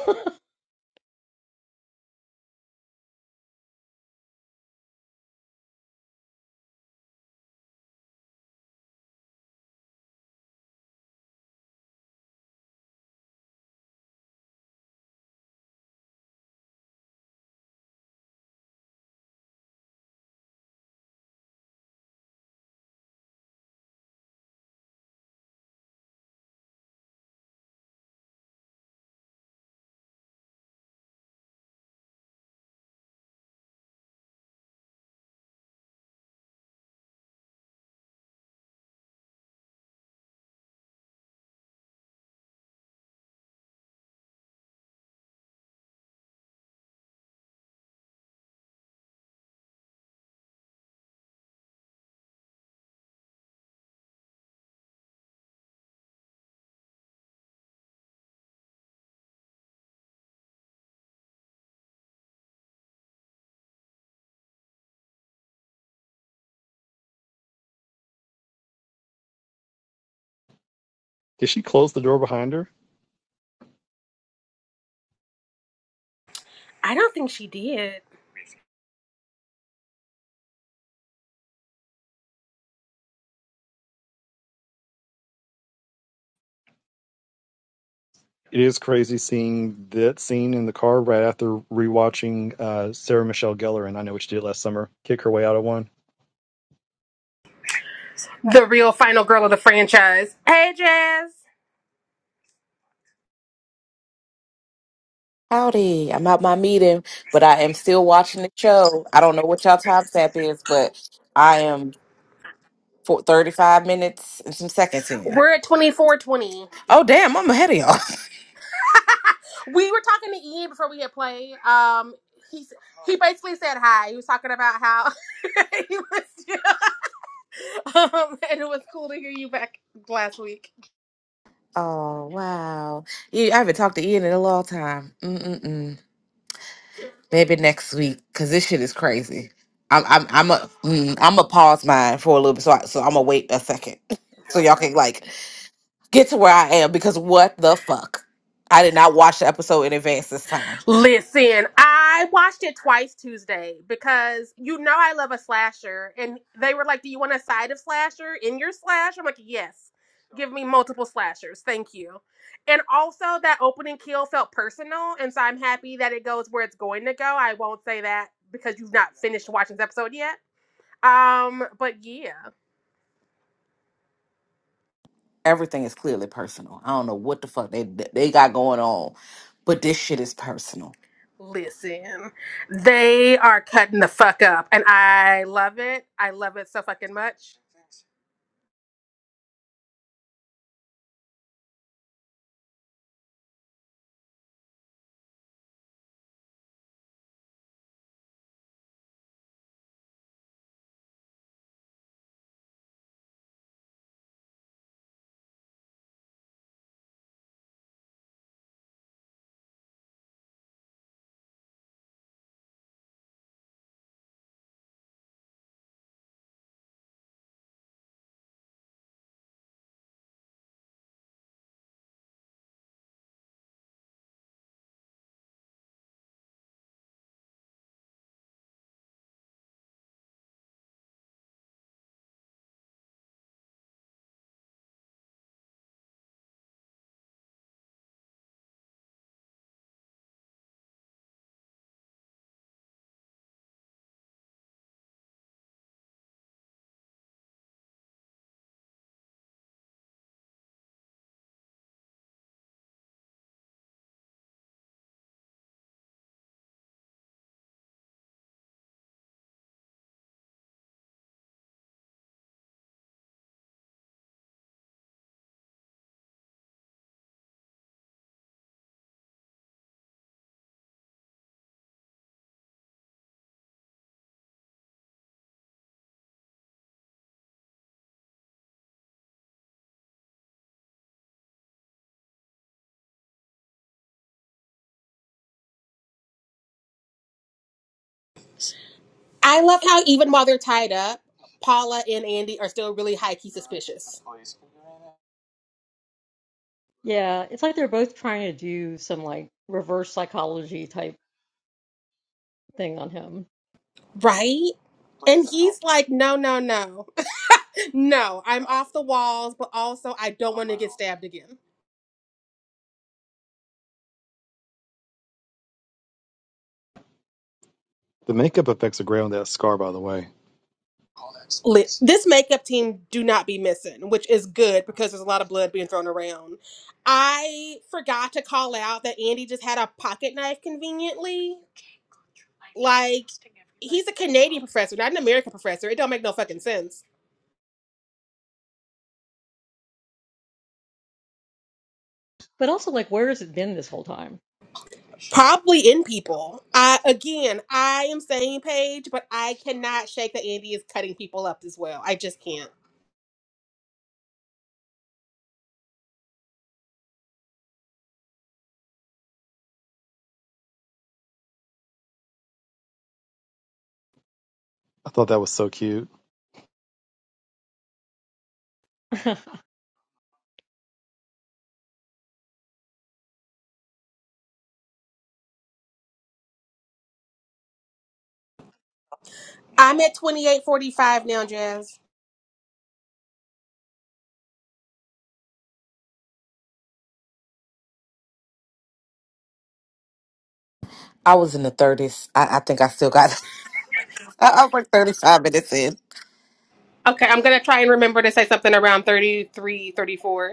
[SPEAKER 4] Did she close the door behind her?
[SPEAKER 1] I don't think she did.
[SPEAKER 4] It is crazy seeing that scene in the car right after rewatching uh, Sarah Michelle Gellar and I know what you did last summer. Kick her way out of one.
[SPEAKER 1] The real final girl of the franchise. Hey, Jazz.
[SPEAKER 6] Howdy. I'm at my meeting, but I am still watching the show. I don't know what y'all time tap is, but I am for 35 minutes and some seconds in.
[SPEAKER 1] We're at 2420.
[SPEAKER 6] Oh, damn, I'm ahead of y'all. <laughs>
[SPEAKER 1] We were talking to Ian before we hit play. Um, he, he basically said hi. He was talking about how <laughs> he was. Um, <laughs> and it was cool to hear you back last week.
[SPEAKER 6] Oh, wow. Yeah, I haven't talked to Ian in a long time. Mm-mm-mm. Maybe next week, because this shit is crazy. I'm I'm I'm a mm, I'm a pause mine for a little bit, so I, so I'm gonna wait a second, <laughs> so y'all can like get to where I am because what the fuck? I did not watch the episode in advance this time.
[SPEAKER 1] Listen, I watched it twice Tuesday because you know I love a slasher, and they were like, "Do you want a side of slasher in your slash?" I'm like, "Yes, give me multiple slashers, thank you." And also, that opening kill felt personal, and so I'm happy that it goes where it's going to go. I won't say that because you've not finished watching this episode yet. Um, but yeah.
[SPEAKER 6] Everything is clearly personal. I don't know what the fuck they they got going on, but this shit is personal.
[SPEAKER 1] Listen, they are cutting the fuck up, and I love it. I love it so fucking much. I love how even while they're tied up, Paula and Andy are still really high key suspicious.
[SPEAKER 2] <laughs> yeah, it's like they're both trying to do some like reverse psychology type thing on him.
[SPEAKER 1] Right? And he's like, no, no, no. <laughs> No, I'm off the walls, but also I don't want to get stabbed again.
[SPEAKER 4] The makeup effects are great on that scar, by the way.
[SPEAKER 1] Lit. This makeup team do not be missing, which is good because there's a lot of blood being thrown around. I forgot to call out that Andy just had a pocket knife conveniently. Like he's a Canadian professor, not an American professor. It don't make no fucking sense.
[SPEAKER 2] But also, like, where has it been this whole time?
[SPEAKER 1] Probably in people. I again, I am saying Paige, but I cannot shake that Andy is cutting people up as well. I just can't.
[SPEAKER 4] I thought that was so cute.
[SPEAKER 2] <laughs>
[SPEAKER 1] I'm at 28.45 now, Jazz.
[SPEAKER 6] I was in the thirties. I, I think I still got. <laughs> I, I worked thirty five minutes in.
[SPEAKER 1] Okay, I'm gonna try and remember to say something around 33 34.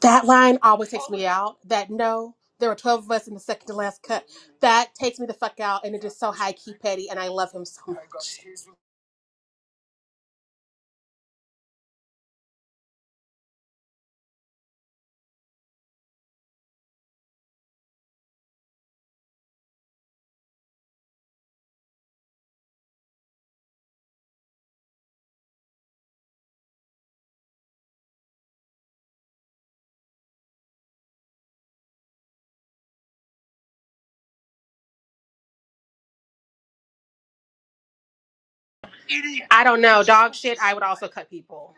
[SPEAKER 1] That line always takes me out. That no, there were 12 of us in the second to last cut. That takes me the fuck out, and it is so high key petty, and I love him so much. I don't know. Dog shit, I would also cut people.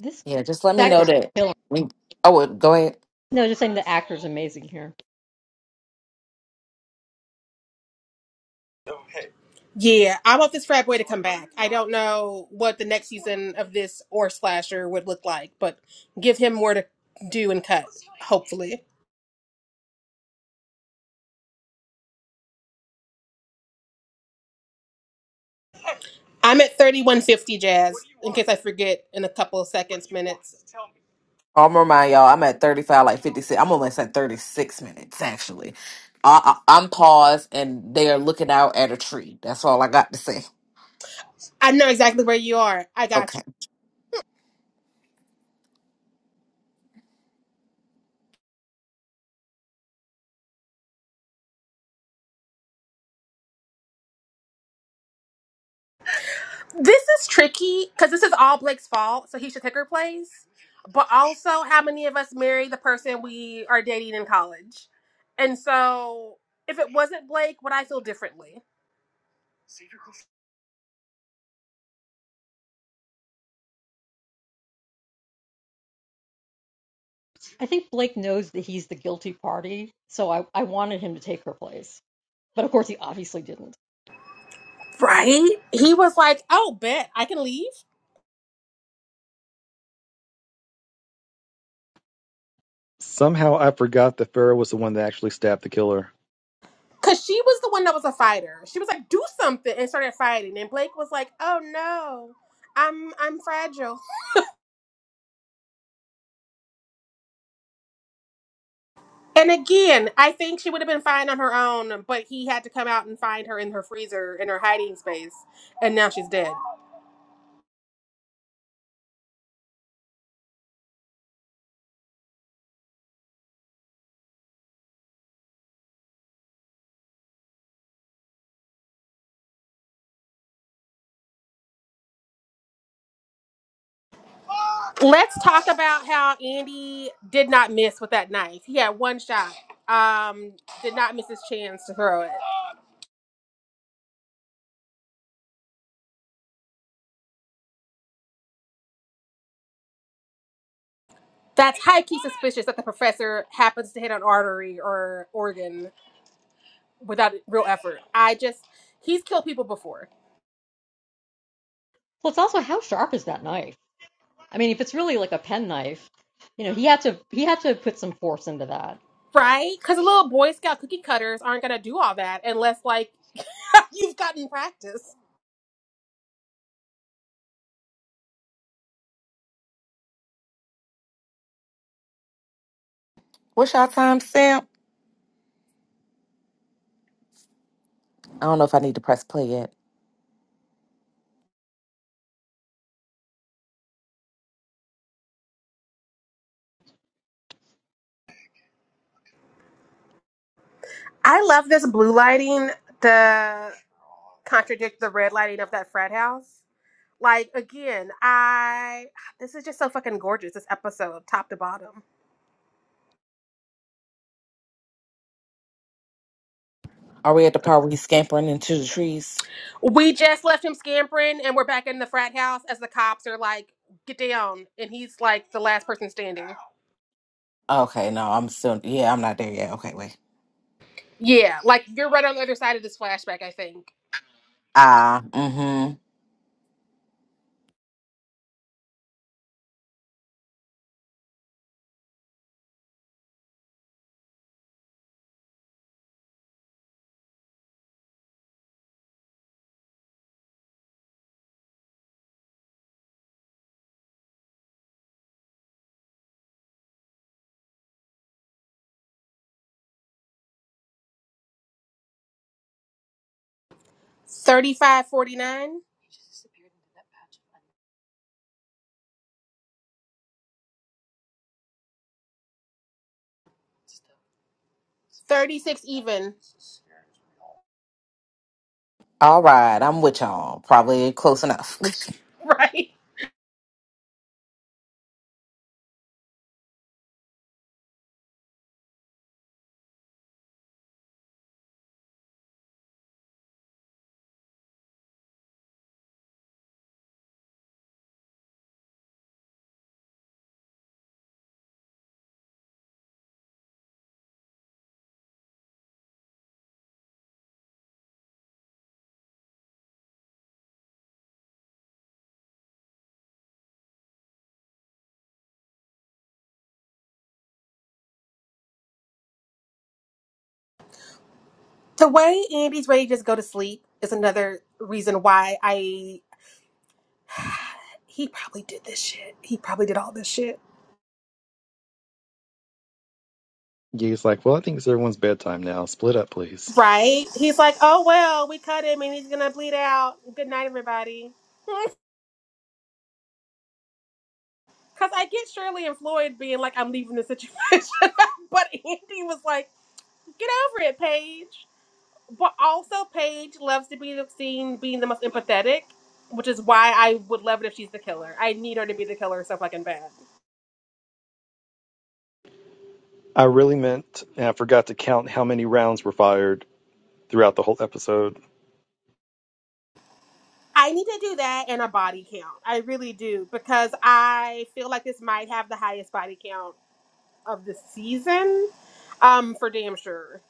[SPEAKER 2] this
[SPEAKER 6] Yeah, just let me know
[SPEAKER 2] actor's
[SPEAKER 6] that.
[SPEAKER 2] killing.
[SPEAKER 6] I mean, oh, well, go ahead.
[SPEAKER 2] No, just saying the actor's amazing here.
[SPEAKER 1] Yeah, I want this frat boy to come back. I don't know what the next season of this or Slasher would look like, but give him more to do and cut, hopefully. I'm at 3150 Jazz, in case I forget in a couple of seconds, minutes.
[SPEAKER 6] I'll remind y'all, I'm at 35, like 56. I'm almost at 36 minutes, actually. I, I, I'm paused and they are looking out at a tree. That's all I got to say.
[SPEAKER 1] I know exactly where you are. I got you.
[SPEAKER 6] Okay.
[SPEAKER 1] This is tricky because this is all Blake's fault, so he should take her place. But also, how many of us marry the person we are dating in college? And so, if it wasn't Blake, would I feel differently?
[SPEAKER 2] I think Blake knows that he's the guilty party, so I, I wanted him to take her place. But of course, he obviously didn't.
[SPEAKER 1] Right? He was like, "Oh, bet I can leave,"
[SPEAKER 4] Somehow I forgot that Farrah was the one that actually stabbed the killer.
[SPEAKER 1] because she was the one that was a fighter. She was like, "Do something," and started fighting. And Blake was like, "Oh no, I'm I'm fragile." And again, I think she would have been fine on her own, but he had to come out and find her in her freezer in her hiding space and now she's dead. Let's talk about how Andy did not miss with that knife. He had one shot. Um, did not miss his chance to throw it. That's high key suspicious that the professor happens to hit an artery or organ without real effort. I just he's killed people before,
[SPEAKER 2] Plus, also, how sharp is that knife? I mean, if it's really like a penknife, you know, he had to he had to put some force into that.
[SPEAKER 1] right? Because the little Boy Scout cookie cutters aren't gonna do all that unless like <laughs> you've gotten practice.
[SPEAKER 6] What's y'all time stamp? I don't know if I need to press play yet.
[SPEAKER 1] I love this blue lighting to contradict the red lighting of that frat house. Like again, I this is just so fucking gorgeous. This episode, top to bottom.
[SPEAKER 6] Are we at the part where he's scampering into the trees?
[SPEAKER 1] We just left him scampering, and we're back in the frat house as the cops are like, "Get down!" And he's like the last person standing.
[SPEAKER 6] Okay, no, I'm still, yeah, I'm not there yet. Okay, wait.
[SPEAKER 1] Yeah, like you're right on the other side of this flashback. I think
[SPEAKER 6] Ah, mm-hmm.
[SPEAKER 1] 35, forty-nine? 36 even. <laughs>
[SPEAKER 6] All right, I'm with y'all. Probably close enough.
[SPEAKER 1] Right. The way Andy's ready to just go to sleep is another reason why I <sighs> he probably did this shit. He probably did all this shit.
[SPEAKER 4] Yeah, He's like, well, I think it's everyone's bedtime now. Split up, please.
[SPEAKER 1] Right? He's like, oh, well, we cut him and he's going to bleed out. Good night, everybody. <laughs> Because I get Shirley and Floyd being like, I'm leaving the situation. <laughs> but Andy was like, get over it, Paige. But also, Paige loves to be seen being the most empathetic, which is why I would love it if she's the killer. I need her to be the killer so fucking bad.
[SPEAKER 4] I really meant, and I forgot to count how many rounds were fired throughout the whole episode.
[SPEAKER 1] I need to do that and a body count. I really do. Because I feel like this might have the highest body count of the season um, for damn sure.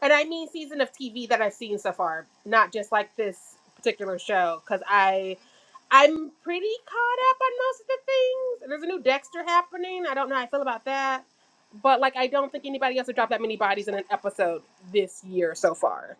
[SPEAKER 1] And I mean season of TV that I've seen so far, not just like this particular show, because I I'm pretty caught up on most of the things. There's a new Dexter happening. I don't know how I feel about that. But like I don't think anybody else would drop that many bodies in an episode this year so far.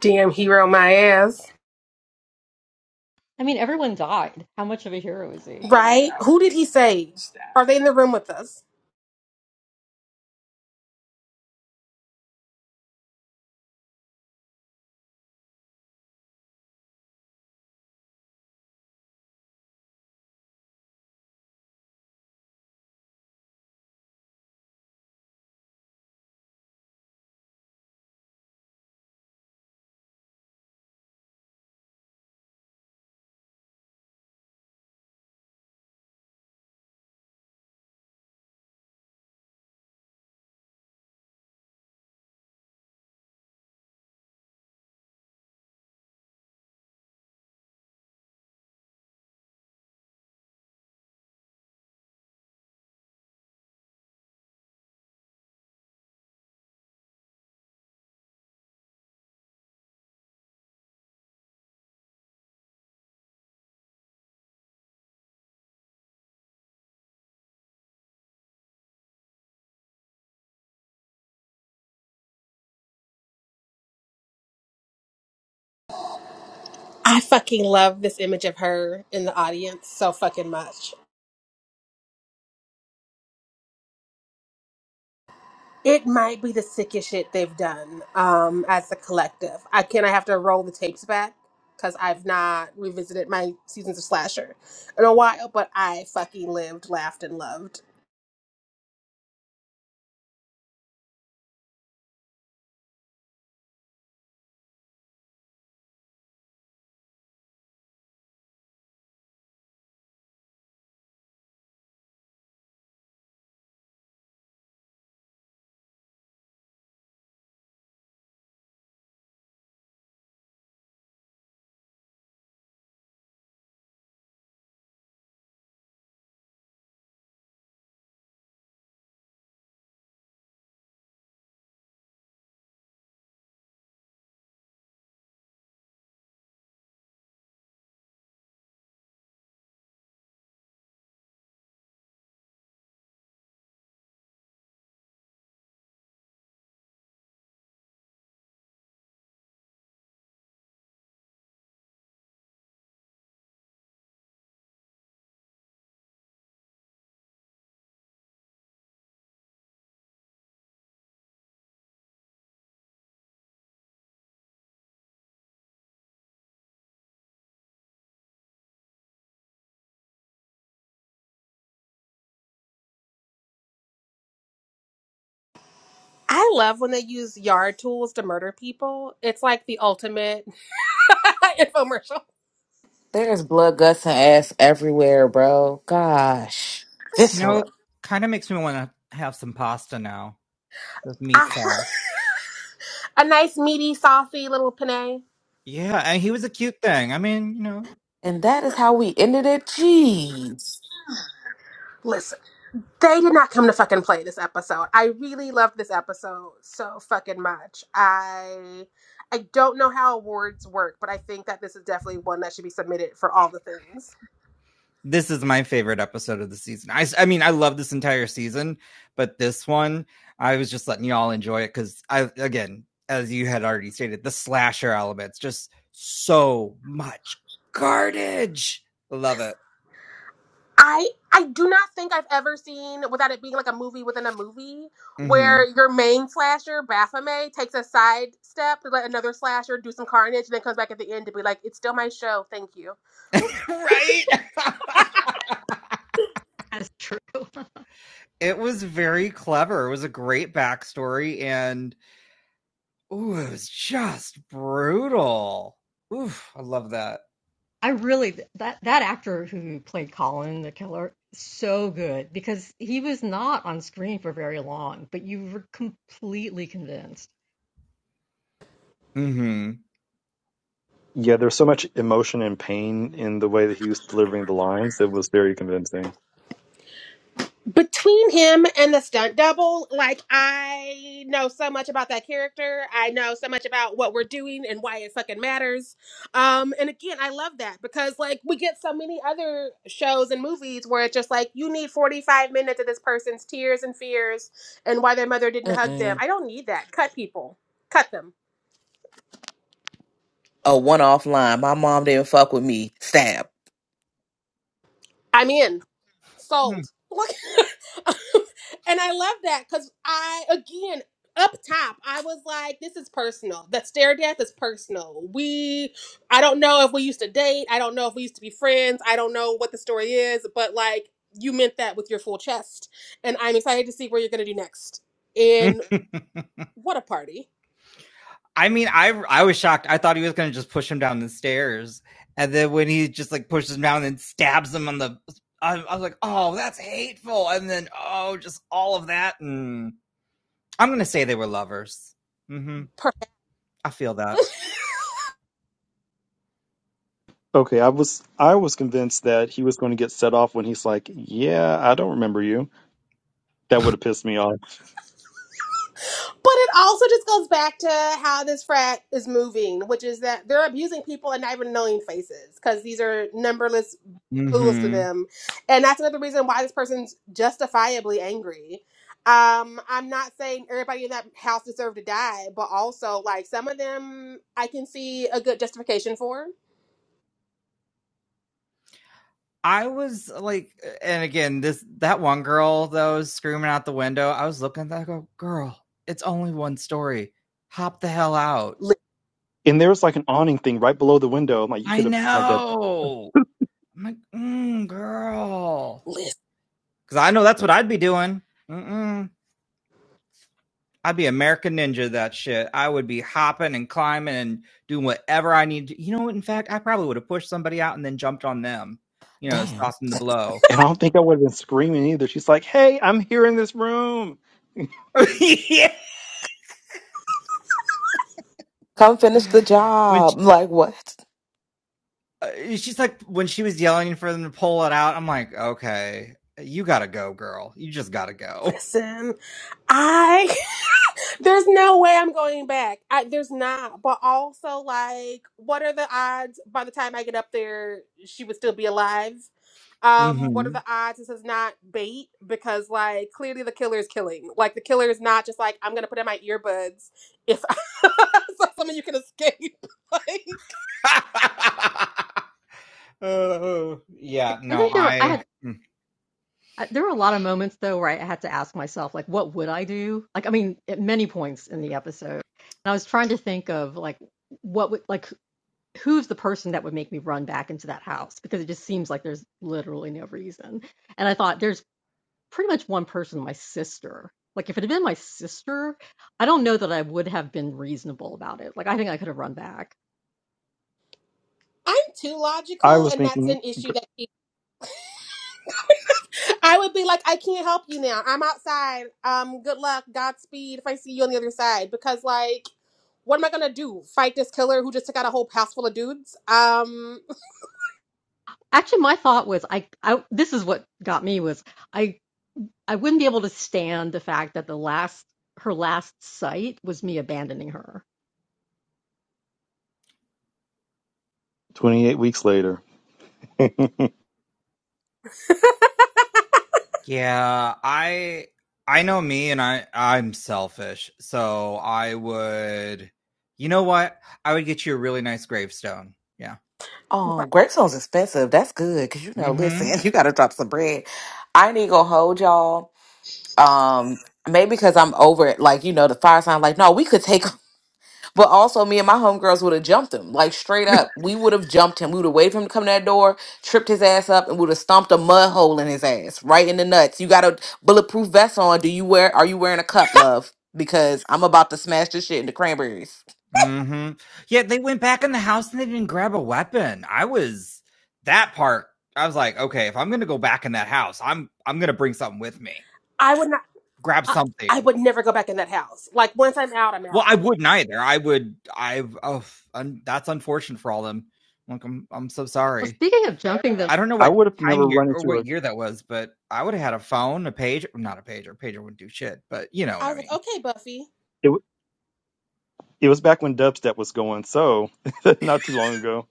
[SPEAKER 1] Damn hero, my ass.
[SPEAKER 2] I mean, everyone died. How much of a hero is he?
[SPEAKER 1] Right? Who did he save? Are they in the room with us? I fucking love this image of her in the audience so fucking much. It might be the sickest shit they've done um, as a collective. I can I have to roll the tapes back because I've not revisited my seasons of slasher in a while, but I fucking lived, laughed, and loved. I love when they use yard tools to murder people. It's like the ultimate <laughs> infomercial.
[SPEAKER 6] <laughs> There's blood, guts, and ass everywhere, bro. Gosh.
[SPEAKER 5] You
[SPEAKER 6] Visceral.
[SPEAKER 5] know, kind of makes me want to have some pasta now with meat
[SPEAKER 1] Ah,
[SPEAKER 5] sauce.
[SPEAKER 1] <laughs> a nice meaty, saucy little penne.
[SPEAKER 5] Yeah, and he was a cute thing. I mean, you know,
[SPEAKER 6] And that is how
[SPEAKER 1] Yeah.
[SPEAKER 6] we ended it. Jeez.
[SPEAKER 1] They did not come to fucking play this episode. I really loved this episode so fucking much. I I don't know how awards work, but I think that this is definitely one that should be submitted for all the things.
[SPEAKER 5] this is my favorite episode of the season. I, s- I mean, I love this entire season, but this one, I was just letting y'all enjoy it because I, again, as you had already stated, the slasher elements just so much garbage. Love it.
[SPEAKER 1] I I do not think I've ever seen without it being like a movie within a movie
[SPEAKER 5] hmm
[SPEAKER 1] where your main slasher Baphomet takes a side step to let another slasher do some carnage and then comes back at the end to be like, "It's still my show, thank you."
[SPEAKER 5] <laughs> Right? <laughs>
[SPEAKER 2] That's true. <laughs>
[SPEAKER 5] it was very clever. It was a great backstory and Ooh, it was just brutal. Oof, I love that.
[SPEAKER 2] I really that that actor who played Colin the killer so good because he was not on screen for very long, but you were completely convinced.
[SPEAKER 5] hmm
[SPEAKER 4] Yeah, there's so much emotion and pain in the way that he was delivering the lines. It was very convincing.
[SPEAKER 1] between him and the stunt double, like I know so much about that character. I know so much about what we're doing and why it fucking matters. Um, and again, I love that because like we get so many other shows and movies where it's just like you need 45 minutes of this person's tears and fears and why their mother didn't hug them.
[SPEAKER 6] Mm-mm.
[SPEAKER 1] I don't need that. Cut people. Cut them.
[SPEAKER 6] A one off line. My mom didn't fuck with me. Stab.
[SPEAKER 1] I'm in. sold. Look, <laughs> and I love that because I again up top I was like, this is personal. That stare death is personal. We, I don't know if we used to date. I don't know if we used to be friends. I don't know what the story is, but like you meant that with your full chest, and I'm excited to see where you're gonna do next.
[SPEAKER 5] <laughs>
[SPEAKER 1] And what a party!
[SPEAKER 5] I mean, I I was shocked. I thought he was gonna just push him down the stairs, and then when he just like pushes him down and stabs him on the, I, I was like, oh, that's hateful. And then oh, just all of that. And I'm gonna say they were lovers. hmm
[SPEAKER 1] Perfect.
[SPEAKER 5] I feel
[SPEAKER 1] <laughs>
[SPEAKER 5] that.
[SPEAKER 4] Okay, I was I was convinced that he was going to get set off when he's like, "Yeah, I don't remember you." That would have pissed me off.
[SPEAKER 1] But it also just goes back to how this frat is moving, which is that they're abusing people and not even knowing faces because these are numberless fools to
[SPEAKER 5] hmm
[SPEAKER 1] them. And that's another reason why this person's justifiably angry. Um, I'm not saying everybody in that house deserved to die, but also, like, some of them I can see a good justification for.
[SPEAKER 5] I was uh, like, uh, and again, this that one girl that was screaming out the window. I was looking at that. I go, girl, it's only one story. Hop the hell out.
[SPEAKER 1] Li-
[SPEAKER 4] And there was like an awning thing right below the window. I'm like, you
[SPEAKER 5] I
[SPEAKER 4] could have had that. <laughs>
[SPEAKER 5] know. I'm like, mm, girl,
[SPEAKER 1] lis-
[SPEAKER 5] because I know that's what I'd be doing. Mm-mm. I'd be American Ninja that shit. I would be hopping and climbing and doing whatever I need to. You know what? In fact, I probably would have pushed somebody out and then jumped on them. You know,
[SPEAKER 6] Damn.
[SPEAKER 5] soften the blow.
[SPEAKER 4] And I don't think I would have been screaming either. She's like, "Hey, I'm here in this room."
[SPEAKER 5] <sighs> <laughs> yeah.
[SPEAKER 6] Come finish the
[SPEAKER 5] When
[SPEAKER 6] job. <laughs> I'm Like what?
[SPEAKER 5] uh, she's like when she was yelling for them to pull it out. I'm like, okay, you gotta go, girl. You just gotta go.
[SPEAKER 1] Listen, I. <laughs> There's no way I'm going back. I, there's not. But also, like, what are the odds by the time I get up there, she would still be alive? Um, what are
[SPEAKER 5] Mm-hmm.
[SPEAKER 1] the odds this is not bait? Because, like, clearly the killer is killing. Like, the killer is not just like, I'm going to put in my earbuds if <laughs> so someone you can escape. <laughs> like,
[SPEAKER 5] <laughs> oh yeah,
[SPEAKER 2] I
[SPEAKER 5] no,
[SPEAKER 2] think there were I had
[SPEAKER 5] I
[SPEAKER 2] uh, there were a lot of moments though where I had to ask myself like what would I do? Like I mean, at many points in the episode, and I was trying to think of like what would like who's the person that would make me run back into that house because it just seems like there's literally no reason. And I thought there's pretty much one person, my sister. Like if it had been my sister, I don't know that I would have been reasonable about it. Like I think I could have run back.
[SPEAKER 1] I'm too
[SPEAKER 4] I
[SPEAKER 1] logical,
[SPEAKER 4] was
[SPEAKER 1] and that's
[SPEAKER 4] thinking
[SPEAKER 1] an issue that I would be like, I can't help you now. I'm outside. Um, good luck, Godspeed. If I see you on the other side, because like, what am I gonna do? Fight this killer who just took out a whole house full of dudes? Um,
[SPEAKER 2] Actually, my thought was I, I this is what got me was I I wouldn't be able to stand the fact that the last her last sight was me abandoning her.
[SPEAKER 4] 28 weeks later. <laughs> I
[SPEAKER 5] yeah, I I know me, and I I'm selfish, so I would. You know what? I would get you a really nice gravestone. Yeah.
[SPEAKER 6] Oh, gravestone's expensive. That's good. Cause you know,
[SPEAKER 5] Mm-hmm.
[SPEAKER 6] listen, <laughs> you gotta drop some bread. I ain't even gonna hold y'all. Um, maybe because I'm over it, like, you know, the fire sign, like, no, we could take <laughs> But also, me and my homegirls would have jumped him, like
[SPEAKER 5] <laughs>
[SPEAKER 6] straight up. We would have jumped him. We would have waited for him to come to that door, tripped his ass up, and would have stomped a mud hole in his ass, right in the nuts. You got a bulletproof vest on. Do you wear? Are you wearing a cup, love? Because I'm about to smash this shit into cranberries.
[SPEAKER 5] hmm Yeah, they went back in the house and they didn't grab a weapon. I was that part. I was like, okay, if I'm gonna go back in that house, I'm I'm gonna bring something with me.
[SPEAKER 1] I would not.
[SPEAKER 5] Grab
[SPEAKER 2] I,
[SPEAKER 1] I
[SPEAKER 5] something.
[SPEAKER 1] would never go back in that house. Like once I'm out, I'm
[SPEAKER 5] Well,
[SPEAKER 1] out.
[SPEAKER 5] I wouldn't either. I would. I. Oh, un, that's unfortunate for all them. Like, I'm I'm so
[SPEAKER 2] well,
[SPEAKER 5] sorry.
[SPEAKER 2] speaking of jumping the
[SPEAKER 5] I don't know what
[SPEAKER 4] would have
[SPEAKER 5] time
[SPEAKER 4] never
[SPEAKER 5] year
[SPEAKER 4] run
[SPEAKER 5] or
[SPEAKER 4] into
[SPEAKER 5] what
[SPEAKER 4] a.
[SPEAKER 5] year that was, but I would have had a phone, a page, not a pager. Pager wouldn't do shit, but you know
[SPEAKER 1] I
[SPEAKER 5] what I
[SPEAKER 1] was like,
[SPEAKER 5] mean.
[SPEAKER 1] okay, Buffy,
[SPEAKER 4] It, wa- it was back when dubstep was going, so <laughs> not too long ago.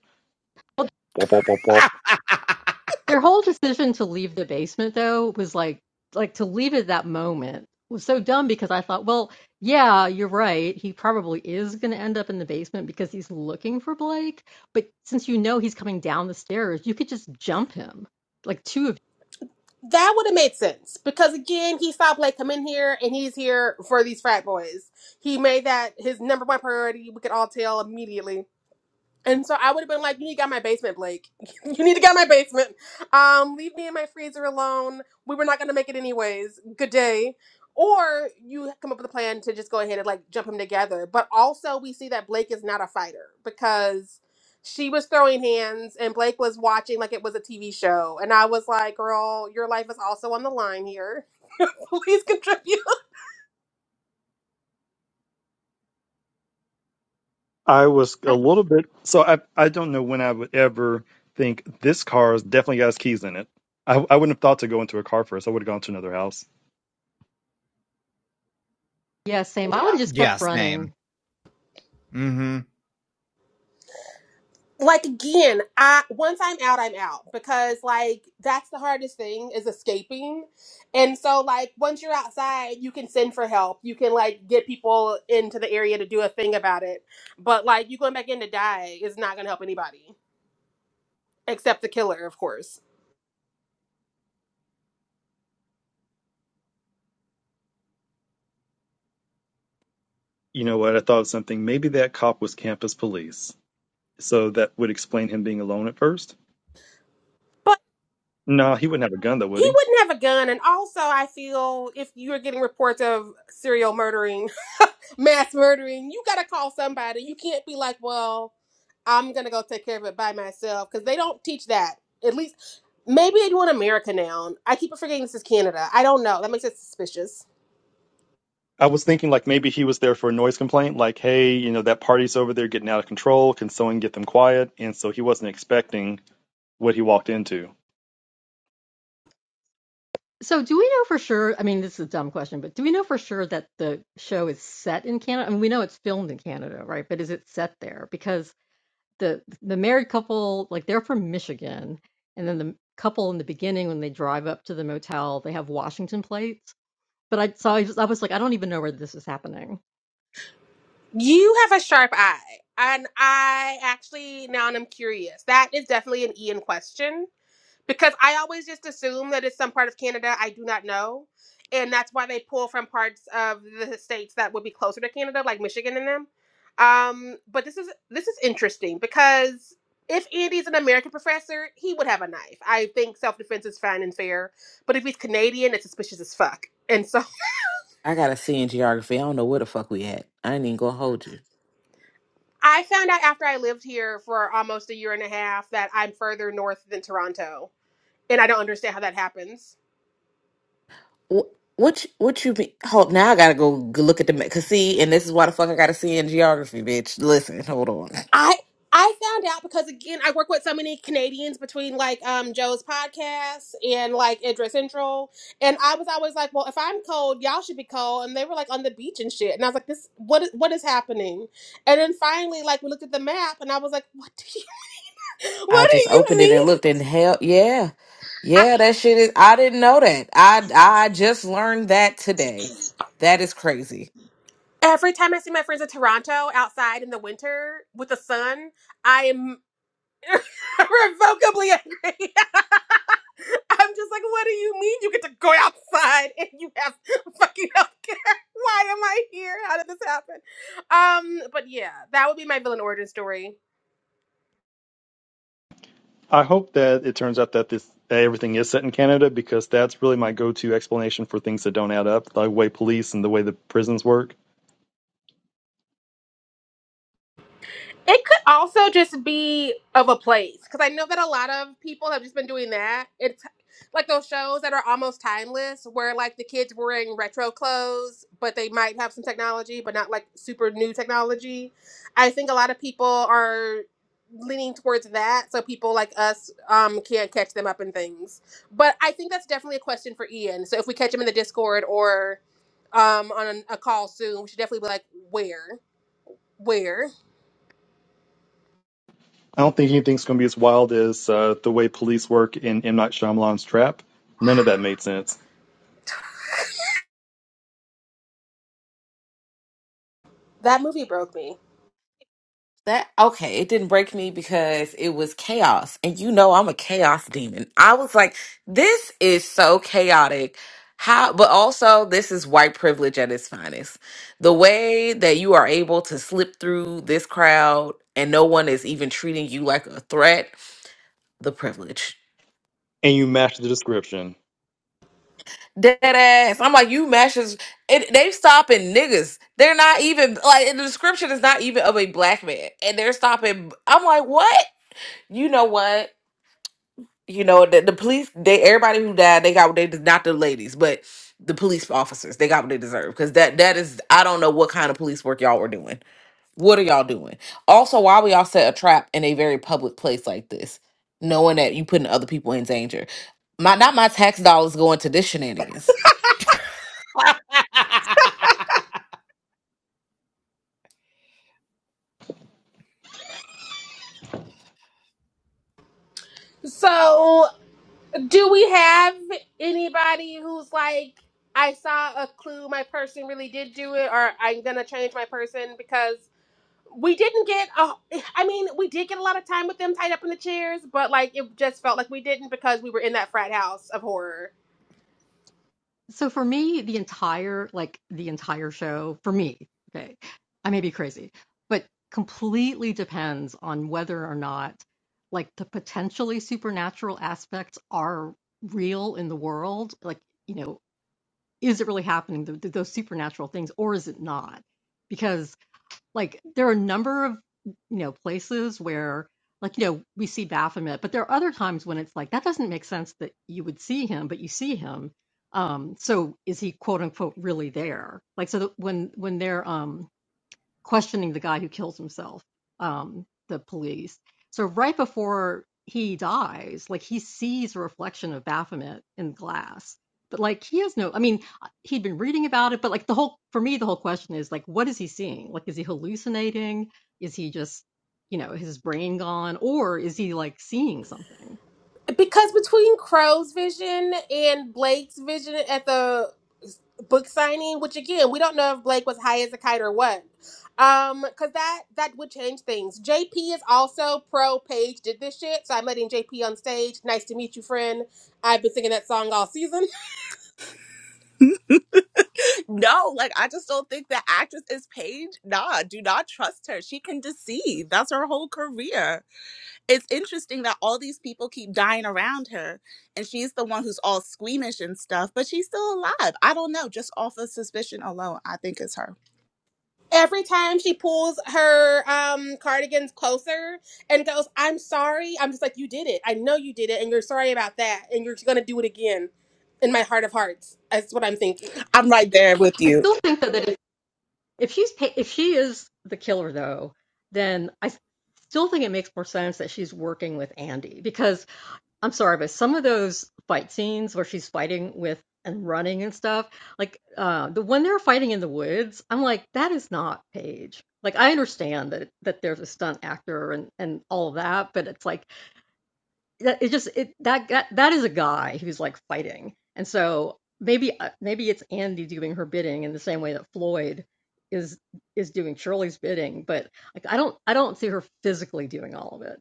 [SPEAKER 4] Wop, wop, wop, wop.
[SPEAKER 5] <laughs>
[SPEAKER 2] Their whole decision to leave the basement though was like like to leave at that moment was so dumb because I thought, well, yeah, you're right. He probably is going to end up in the basement because he's looking for Blake, but since you know he's coming down the stairs, you could just jump him. Like two of
[SPEAKER 1] that would have made sense because again, he saw Blake come in here and he's here for these frat boys. He made that his number one priority. We could all tell immediately And so I would have been like, "You need to get out my basement, Blake. <laughs> you need to get out my basement. Um, leave me in my freezer alone. We were not gonna make it anyways. Good day." Or you come up with a plan to just go ahead and like jump him together. But also, we see that Blake is not a fighter because she was throwing hands and Blake was watching like it was a TV show. And I was like, "Girl, your life is also on the line here. <laughs> Please contribute."
[SPEAKER 4] I was a little bit. So I I don't know when I would ever think this car has definitely got his keys in it. I, I wouldn't have thought to go into a car first. I would have gone to another house.
[SPEAKER 2] yeah, same. I would have just kept
[SPEAKER 5] yeah, same.
[SPEAKER 2] running.
[SPEAKER 5] Mm-hmm.
[SPEAKER 1] like again i once i'm out i'm out because like that's the hardest thing is escaping and so like once you're outside you can send for help you can like get people into the area to do a thing about it but like you going back in to die is not going to help anybody except the killer of course
[SPEAKER 4] You know what? I thought of something. Maybe that cop was campus police. So that would explain him being alone at first.
[SPEAKER 1] but
[SPEAKER 4] No, he wouldn't have a gun though, would
[SPEAKER 1] he
[SPEAKER 4] he?
[SPEAKER 1] wouldn't have a gun and also i feel if you're getting reports of serial murdering mass murdering, you gotta call somebody. You can't be like, well, I'm gonna go take care of it by myself because they don't teach that. At least maybe they do in America now. I keep forgetting this is Canada. I don't know. That makes it suspicious.
[SPEAKER 4] I was thinking like maybe he was there for a noise complaint, like, hey, you know, that party's over there getting out of control. Can someone get them quiet? And so he wasn't expecting what he walked into.
[SPEAKER 2] So do we know for sure? I mean, this is a dumb question, but do we know for sure that the show is set in Canada? I mean, we know it's filmed in Canada, right? But is it set there? Because The the married couple, like, they're from Michigan, and then the couple in the beginning, when they drive up to the motel, they have Washington plates, but I so I was I was like, "I don't even know where this is happening."
[SPEAKER 1] You have a sharp eye, and I actually now I'm curious. That is definitely an Ian question. because I always just assume that it's some part of Canada I do not know, and that's why they pull from parts of the states that would be closer to Canada, like Michigan and them. Um, but this is this is interesting because if Andy's an American professor, he would have a knife. I think self defense is fine and fair, but if he's Canadian, it's suspicious as fuck. And so
[SPEAKER 6] I got a C in geography. I don't know where the fuck we at. I ain't even gonna hold you.
[SPEAKER 1] <laughs> I found out after I lived here for almost a year and a half that I'm further north than Toronto, and I don't understand how that happens.
[SPEAKER 6] Wh- What you, what you mean? Hold now, I gotta go g- look at the because see, and this is why the fuck I gotta see in geography, bitch. Listen, hold on.
[SPEAKER 1] I I found out because again I work with so many Canadians between like um Joe's podcast and like Idris Central and I was always like, well, if I'm cold, y'all should be cold, and they were like on the beach and shit, and I was like, this what is what is happening? And then finally, like we looked at the map, and I was like, what do you <laughs>
[SPEAKER 6] I
[SPEAKER 1] what do
[SPEAKER 6] just
[SPEAKER 1] you
[SPEAKER 6] opened it and
[SPEAKER 1] mean?
[SPEAKER 6] looked and hell yeah.
[SPEAKER 1] I,
[SPEAKER 6] Yeah, that shit is I didn't know that. I I just learned that today. That is crazy.
[SPEAKER 1] every time I see my friends in Toronto outside in the winter with the sun, I am <laughs> irrevocably angry. <laughs> <laughs> I'm just like, what do you mean you get to go outside and you have fucking healthcare? <laughs> Why am I here? How did this happen? Um, but yeah, that would be my villain origin story.
[SPEAKER 4] I hope that it turns out that this that everything is set in Canada because that's really my go-to explanation for things that don't add up, the way police and the way the prisons work.
[SPEAKER 1] It could also just be of a place because I know that a lot of people have just been doing that. It's like those shows that are almost timeless where like the kids wearing retro clothes, but they might have some technology, but not like super new technology. I think a lot of people are leaning towards that so people like us um can't catch them up in things but i think that's definitely a question for ian so if we catch him in the discord or um on a a call soon we should definitely be like where where
[SPEAKER 4] I don't think anything's going to be as wild as uh, the way police work in M Night Shyamalan's Trap. None of that made sense,
[SPEAKER 1] that movie broke me
[SPEAKER 6] That okay, it didn't break me because it was chaos. And you know I'm a chaos demon. I was like, this is so chaotic. How but also this is white privilege at its finest. The way that you are able to slip through this crowd and no one is even treating you like a threat, the privilege.
[SPEAKER 4] and you matched the description.
[SPEAKER 6] Dead ass. I'm like, you matches. It, they stopping niggas. They're not even like the description is not even of a black man, and they're stopping. I'm like, what? You know what? You know the, the police. They everybody who died, they got what they des- not the ladies, but the police officers. They got what they deserve because that that is. I don't know what kind of police work y'all were doing. What are y'all doing? Also, why would y'all set a trap in a very public place like this, knowing that you putting other people in danger? My not my tax dollars going to this shenanigans.
[SPEAKER 1] So, do we have anybody who's like, I saw a clue, my person really did do it, or I'm gonna change my person because we didn't get a, I mean, we did get a lot of time with them tied up in the chairs, but like it just felt like we didn't because we were in that frat house of horror.
[SPEAKER 2] So for me, the entire like, the entire show for me, okay, I may be crazy, but completely depends on whether or not, like, the potentially supernatural aspects are real in the world, like, you know, is it really happening, th th those supernatural things, or is it not? Because Like there are a number of, you know, places where like, you know, we see Baphomet, but there are other times when it's like that doesn't make sense that you would see him, but you see him. Um, so is he quote unquote really there? Like so that when when they're um questioning the guy who kills himself, um, the police. So right before he dies, like he sees a reflection of Baphomet in glass. But like he has no, I mean, he'd been reading about it, but like the whole, for me, the whole question is like, what is he seeing? Like, is he hallucinating? Is he just, you know, his brain gone, or is he like seeing something?
[SPEAKER 1] Because between Crow's vision and Blake's vision at the book signing, which again, we don't know if Blake was high as a kite or what. Um, cause that that would change things. JP is also pro Paige did this shit, so I'm letting JP on stage. Nice to meet you, friend. I've been singing that song all season.
[SPEAKER 7] No, like I just don't think the actress is Paige. Nah, do not trust her. She can deceive. That's her whole career. It's interesting that all these people keep dying around her and she's the one who's all squeamish and stuff, but she's still alive. I don't know. Just off of suspicion alone, I think it's her.
[SPEAKER 1] <laughs> Every time she pulls her um cardigans closer and goes, "I'm sorry," I'm just like, "You did it. I know you did it, and you're sorry about that, and you're gonna do it again." In my heart of hearts, that's what I'm thinking.
[SPEAKER 7] I'm right there with
[SPEAKER 2] I
[SPEAKER 7] you.
[SPEAKER 2] still think that, that if, if she's, pa- if she is the killer though, then I still think it makes more sense that she's working with Andy because I'm sorry, but some of those fight scenes where she's fighting with and running and stuff, like, uh, the when they're fighting in the woods, I'm like, "That is not Paige." Like, I understand that that there's a stunt actor and and all of that, but it's like, that it just it that that that is a guy who's, like, fighting, and so maybe, uh, maybe it's Andy doing her bidding in the same way that Floyd is is doing Shirley's bidding, but, like, I don't I don't see her physically doing all of it.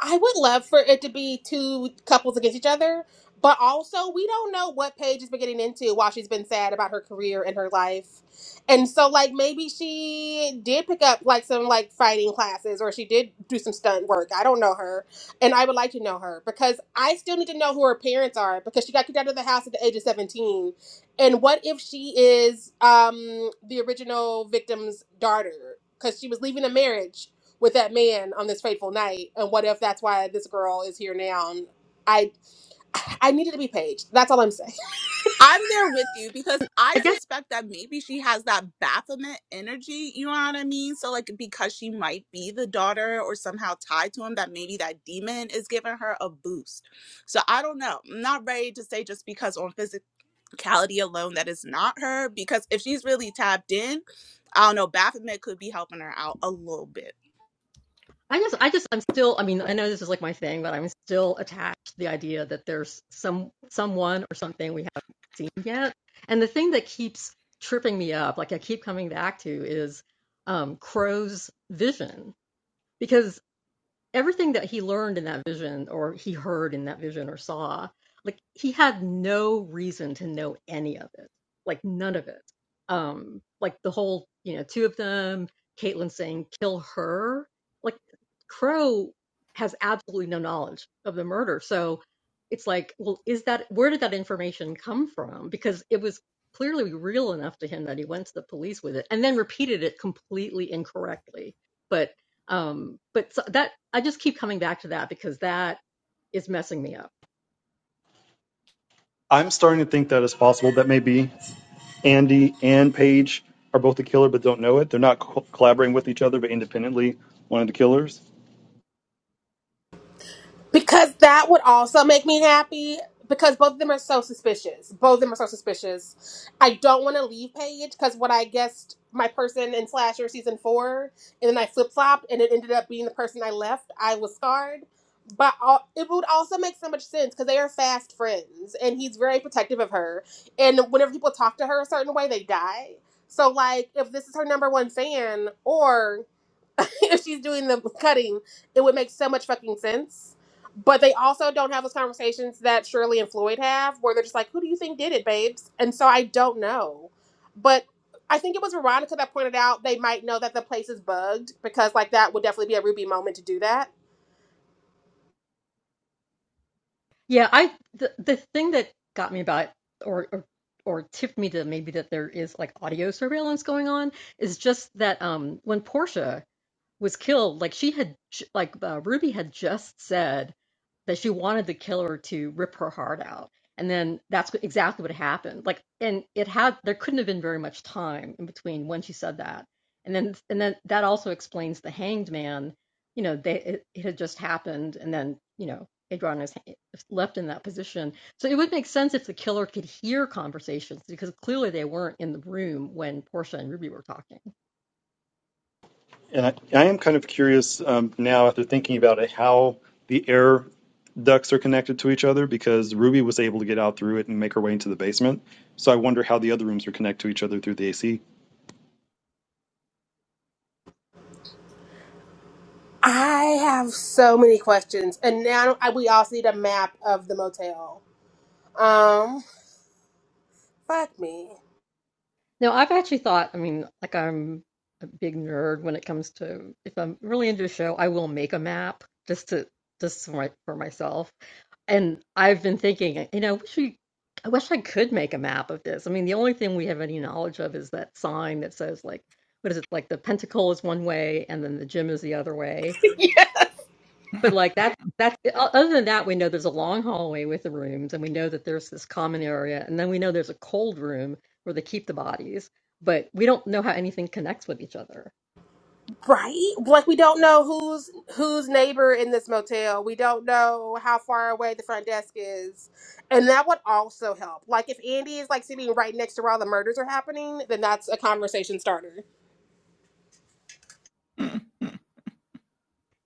[SPEAKER 1] I would love for it to be two couples against each other, but also we don't know what Paige has been getting into while she's been sad about her career and her life. And so like maybe she did pick up like some like fighting classes or she did do some stunt work. I don't know her. And I would like to know her because I still need to know who her parents are because she got kicked out of the house at the age of 17. And what if she is um the original victim's daughter cuz she was leaving a marriage with that man on this fateful night and what if that's why this girl is here now and i <sighs> i needed to be paged that's all i'm saying
[SPEAKER 7] I'm there with you because I
[SPEAKER 2] I guess
[SPEAKER 7] suspect that maybe she has that Baphomet energy, you know what I mean? So, like, because she might be the daughter or somehow tied to him, that maybe that demon is giving her a boost. So, I don't know. I'm not ready to say just because on physicality alone that is not her, because if she's really tapped in, I don't know, Baphomet could be helping her out a little bit.
[SPEAKER 2] I just I just I'm still I mean I know this is like my thing but I'm still attached to the idea that there's some someone or something we haven't seen yet. And the thing that keeps tripping me up like I keep coming back to is um Crow's vision because. everything that he learned in that vision or he heard in that vision or saw like he had no reason to know any of it like none of it um like the whole you know two of them caitlin saying kill her like crow has absolutely no knowledge of the murder so it's like well is that where did that information come from because it was clearly real enough to him that he went to the police with it and then repeated it completely incorrectly but um but so that i just keep coming back to that because that is messing me up
[SPEAKER 4] I'm starting to think that it's possible that maybe. Andy and Paige are both the killer, but don't know it. They're not co- collaborating with each other, but independently, one of the killers.
[SPEAKER 1] Because that would also make me happy because both of them are so suspicious. Both of them are so suspicious. I don't want to leave Paige because what I guessed my person in Slasher season four, and then I flip flopped, and it ended up being the person I left. I was scarred. But all, it would also make so much sense because they are fast friends, and he's very protective of her. And whenever people talk to her a certain way, they die. So, like, if this is her number one fan, or <laughs> if she's doing the cutting, it would make so much fucking sense. But they also don't have those conversations that Shirley and Floyd have, where they're just like, "Who do you think did it, babes?" And so I don't know, but I think it was Veronica that pointed out they might know that the place is bugged because like that would definitely be a Ruby moment to do that.
[SPEAKER 2] yeah i the, the thing that got me about or, or or tipped me to maybe that there is like audio surveillance going on is just that um when portia was killed like she had j- like uh, ruby had just said that she wanted the killer to rip her heart out and then that's what- exactly what happened like and it had there couldn't have been very much time in between when she said that and then and then that also explains the hanged man you know they it, it had just happened and then you know adrian is ha- left in that position so it would make sense if the killer could hear conversations because clearly they weren't in the room when portia and ruby were talking
[SPEAKER 4] And I, I am kind of curious um, now, after thinking about it, how the air ducts are connected to each other because Ruby was able to get out through it and make her way into the basement. So I wonder how the other rooms are connected to each other through the AC.
[SPEAKER 1] I have so many questions, and now I, we also need a map of the motel. Um, fuck me.
[SPEAKER 2] now, I've actually thought, I mean, like I'm a big nerd when it comes to if I'm really into a show, I will make a map just to just for, my, for myself. And I've been thinking, you know, I wish we, I wish I could make a map of this. I mean, the only thing we have any knowledge of is that sign that says like, what is it, like the pentacle is one way and then the gym is the other way. But like that, that's other than that, we know there's a long hallway with the rooms, and we know that there's this common area, and then we know there's a cold room where they keep the bodies, but we don't know how anything connects with each other.
[SPEAKER 1] Right? Like we don't know who's who's neighbor in this motel. We don't know how far away the front desk is. And that would also help. Like if Andy is like sitting right next to where all the murders are happening, then that's a conversation starter.
[SPEAKER 5] <laughs>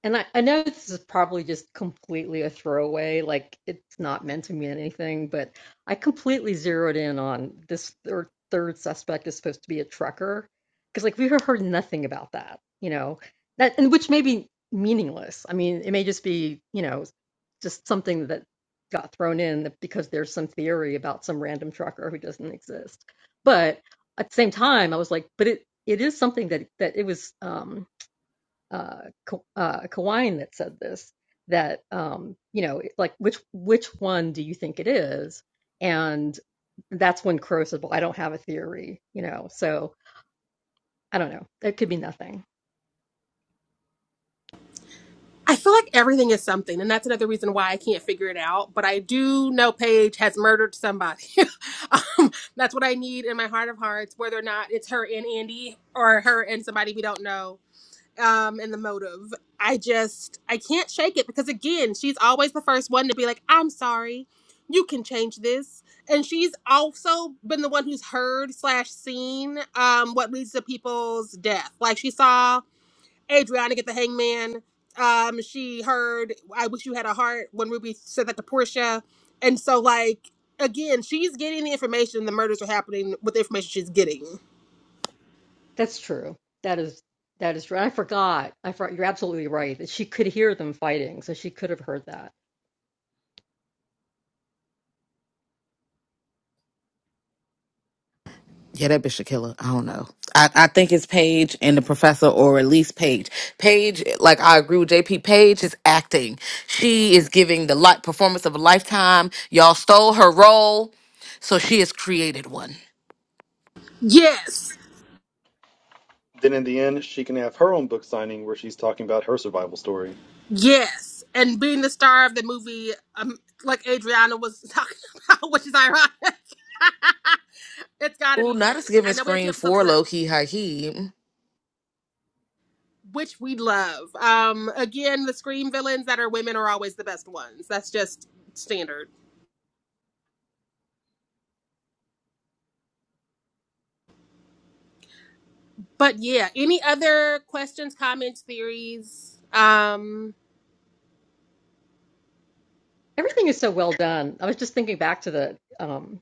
[SPEAKER 2] And I, I know this is probably just completely a throwaway, like it's not meant to mean anything, but I completely zeroed in on this third, third suspect is supposed to be a trucker. Because, like, we have heard nothing about that, you know, that, and which may be meaningless. I mean, it may just be, you know, just something that got thrown in that- because there's some theory about some random trucker who doesn't exist. But at the same time, I was like, but it, it is something that, that it was, Um, uh, uh, Kawain that said this that um, you know like which which one do you think it is and that's when Crow said well I don't have a theory you know so I don't know it could be nothing
[SPEAKER 1] I feel like everything is something, and that's another reason why I can't figure it out. But I do know Paige has murdered somebody. <laughs> um, that's what I need in my heart of hearts, whether or not it's her and Andy or her and somebody we don't know. um and the motive. I just I can't shake it because again, she's always the first one to be like, "I'm sorry, you can change this," and she's also been the one who's heard slash seen um what leads to people's death. Like she saw Adriana get the hangman. Um, she heard "I wish you had a heart" when Ruby said that to Portia, and so like again, she's getting the information. The murders are happening with the information she's getting.
[SPEAKER 2] that's true that is that is true I forgot I forgot you're absolutely right that she could hear them fighting so she could have heard that
[SPEAKER 6] Yeah, that bitch a killer. I don't know. I, I think it's Paige and the professor, or at least Paige. Paige, like I agree with JP. Paige is acting. She is giving the light performance of a lifetime. Y'all stole her role, so she has created one.
[SPEAKER 1] Yes.
[SPEAKER 4] Then in the end, she can have her own book signing where she's talking about her survival story.
[SPEAKER 1] Yes, and being the star of the movie, um, like Adriana was talking <laughs> about, which is ironic. <laughs> it's got to
[SPEAKER 6] Ooh,
[SPEAKER 1] be
[SPEAKER 6] not as
[SPEAKER 1] Paige.
[SPEAKER 6] giving
[SPEAKER 1] I know we have two
[SPEAKER 6] screen
[SPEAKER 1] episodes
[SPEAKER 6] for
[SPEAKER 1] left,
[SPEAKER 6] low key high key.
[SPEAKER 1] which we love. Um, again, the Scream villains that are women are always the best ones. That's just standard. But yeah, any other questions, comments, theories? Um,
[SPEAKER 2] everything is so well done I was just thinking back to the um,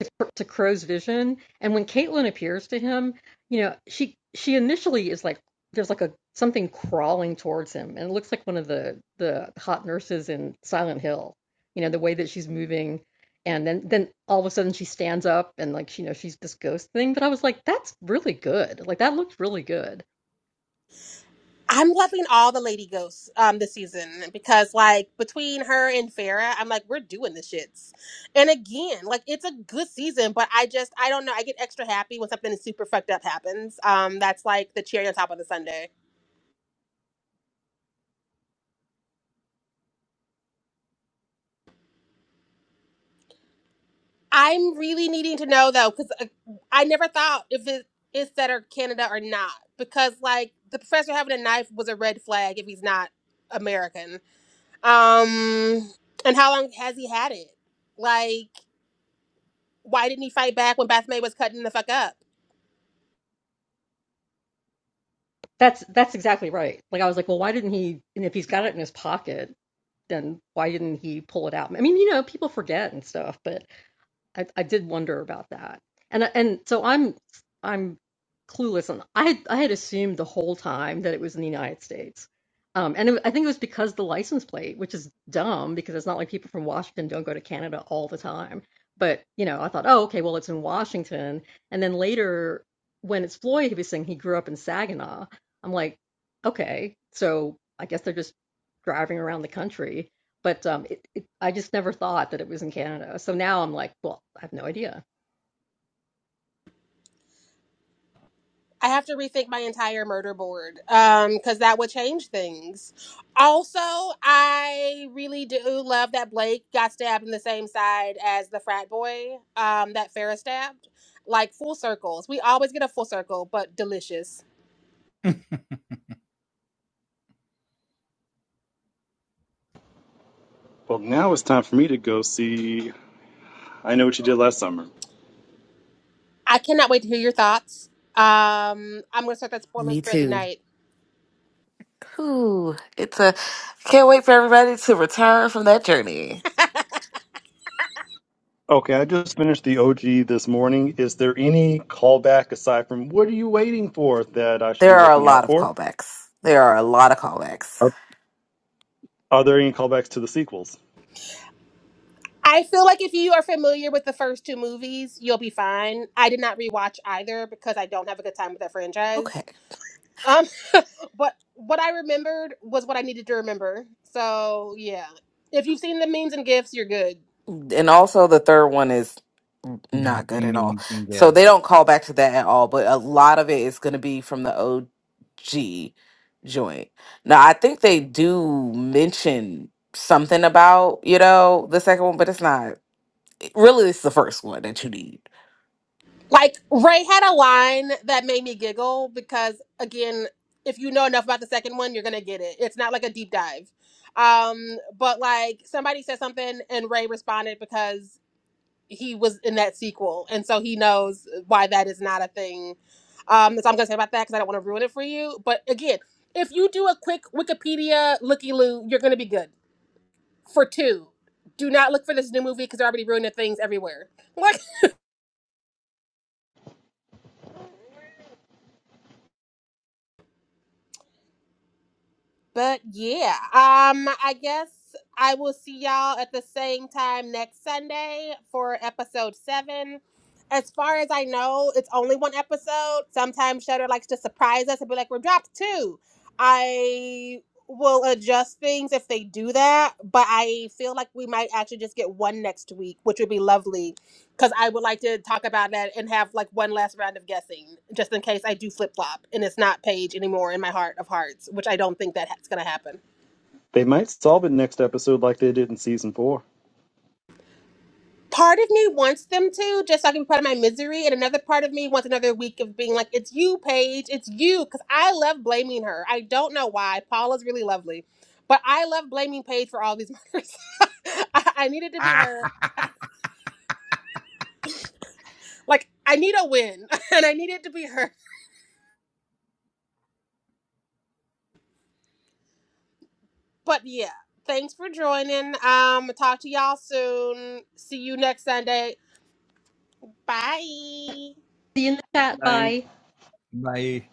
[SPEAKER 2] to, to Crow's vision. And when Caitlin appears to him, you know, she she initially is like there's like a something crawling towards him, and it looks like one of the the hot nurses in Silent Hill. You know, the way that she's moving, and then then all of a sudden she stands up and like you know she's this ghost thing. But I was like, that's really good. Like that looks really good.
[SPEAKER 1] I'm loving all the lady ghosts um this season because like between her and Farah, I'm like, we're doing the shits. And again, like it's a good season, but I just I don't know. I get extra happy when something super fucked up happens. Um that's like the cherry on top of the sundae. I'm really needing to know though, because uh, I never thought if it is set or Canada or not. Because like the professor having a knife was a red flag if he's not American. Um and how long has he had it? Like why didn't he fight back when Beth May was cutting the fuck up?
[SPEAKER 2] That's that's exactly right. Like I was like, well, why didn't he? And if he's got it in his pocket, then why didn't he pull it out? I mean, you know, people forget and stuff, but I, I did wonder about that, and I- and so I'm I'm clueless on. I had, I had assumed the whole time that it was in the United States, um, and it, I think it was because the license plate, which is dumb because it's not like people from Washington don't go to Canada all the time. But you know, I thought, oh, okay, well, it's in Washington, and then later when it's Floyd, he was saying he grew up in Saginaw. I'm like, okay, so I guess they're just driving around the country but um, it, it, I just never thought that it was in Canada. So now I'm like, well, I have no idea.
[SPEAKER 1] I have to rethink my entire murder board um cuz that would change things. Also, I really do love that Blake got stabbed in the same side as the frat boy um that Farrah stabbed. Like full circles. We always get a full circle, but delicious.
[SPEAKER 4] Well, now it's time for me to go see I Know What You Did Last Summer.
[SPEAKER 1] I cannot wait to hear your thoughts. Um I'm going to start that spoiler
[SPEAKER 6] Me
[SPEAKER 1] thread
[SPEAKER 6] too.
[SPEAKER 1] tonight.
[SPEAKER 6] Ooh, it's a can't wait for everybody to return from that journey.
[SPEAKER 4] Okay, I just finished the OG this morning. Is there any callback aside from what are you waiting for that I should be
[SPEAKER 6] There are a
[SPEAKER 4] looking
[SPEAKER 6] lot
[SPEAKER 4] out
[SPEAKER 6] of
[SPEAKER 4] for?
[SPEAKER 6] callbacks. There are a lot of callbacks.
[SPEAKER 4] Are, are there any callbacks to the sequels?
[SPEAKER 1] I feel like if you are familiar with the first two movies, you'll be fine. I did not rewatch either because I don't have a good time with that
[SPEAKER 6] Okay,
[SPEAKER 1] franchise. Um, <laughs> but what I remembered was what I needed to remember. So yeah, if you've seen the memes and gifs, you're good.
[SPEAKER 6] and also the third one is
[SPEAKER 5] Not
[SPEAKER 6] not good
[SPEAKER 5] the
[SPEAKER 6] at all.
[SPEAKER 5] memes and
[SPEAKER 6] So they
[SPEAKER 5] gifs.
[SPEAKER 6] don't call back to that at all, but a lot of it is going to be from the OG joint. Now, I think they do mention something about, you know, the second one, but it's not really it's the first one that you need.
[SPEAKER 1] Like Ray had a line that made me giggle because again, if you know enough about the second one, you're gonna get it. It's not like a deep dive. Um, but like somebody said something and Ray responded because he was in that sequel, and so he knows why that is not a thing. Um, that's all I'm gonna say about that because I don't want to ruin it for you. But again, if you do a quick Wikipedia looky loo, you're gonna be good. For two, do not look for this new movie because they're already ruining things everywhere. <laughs> Like. But yeah, um, I guess I will see y'all at the same time next Sunday for episode seven. As far as I know, it's only one episode. Sometimes Shutter likes to surprise us and be like, "We're dropped two." I will adjust things if they do that, but I feel like we might actually just get one next week, which would be lovely because I would like to talk about that and have like one last round of guessing, just in case I do flip flop and it's not Paige anymore in my heart of hearts, which I don't think that that's going to happen.
[SPEAKER 4] They might solve it next episode like they did in season four.
[SPEAKER 1] Part of me wants them to, just so I can be part of my misery, and another part of me wants another week of being like, "It's you, Paige. It's you," because I love blaming her. I don't know why. Paula's really lovely, but I love blaming Paige for all these murders. <laughs> I, I need it to be
[SPEAKER 5] Ah,
[SPEAKER 1] her. Like I need a win, <laughs> and I need it to be her. But yeah, thanks for joining. Um, talk to y'all soon. See you next Sunday. Bye.
[SPEAKER 2] See you in the chat. Bye.
[SPEAKER 5] bye.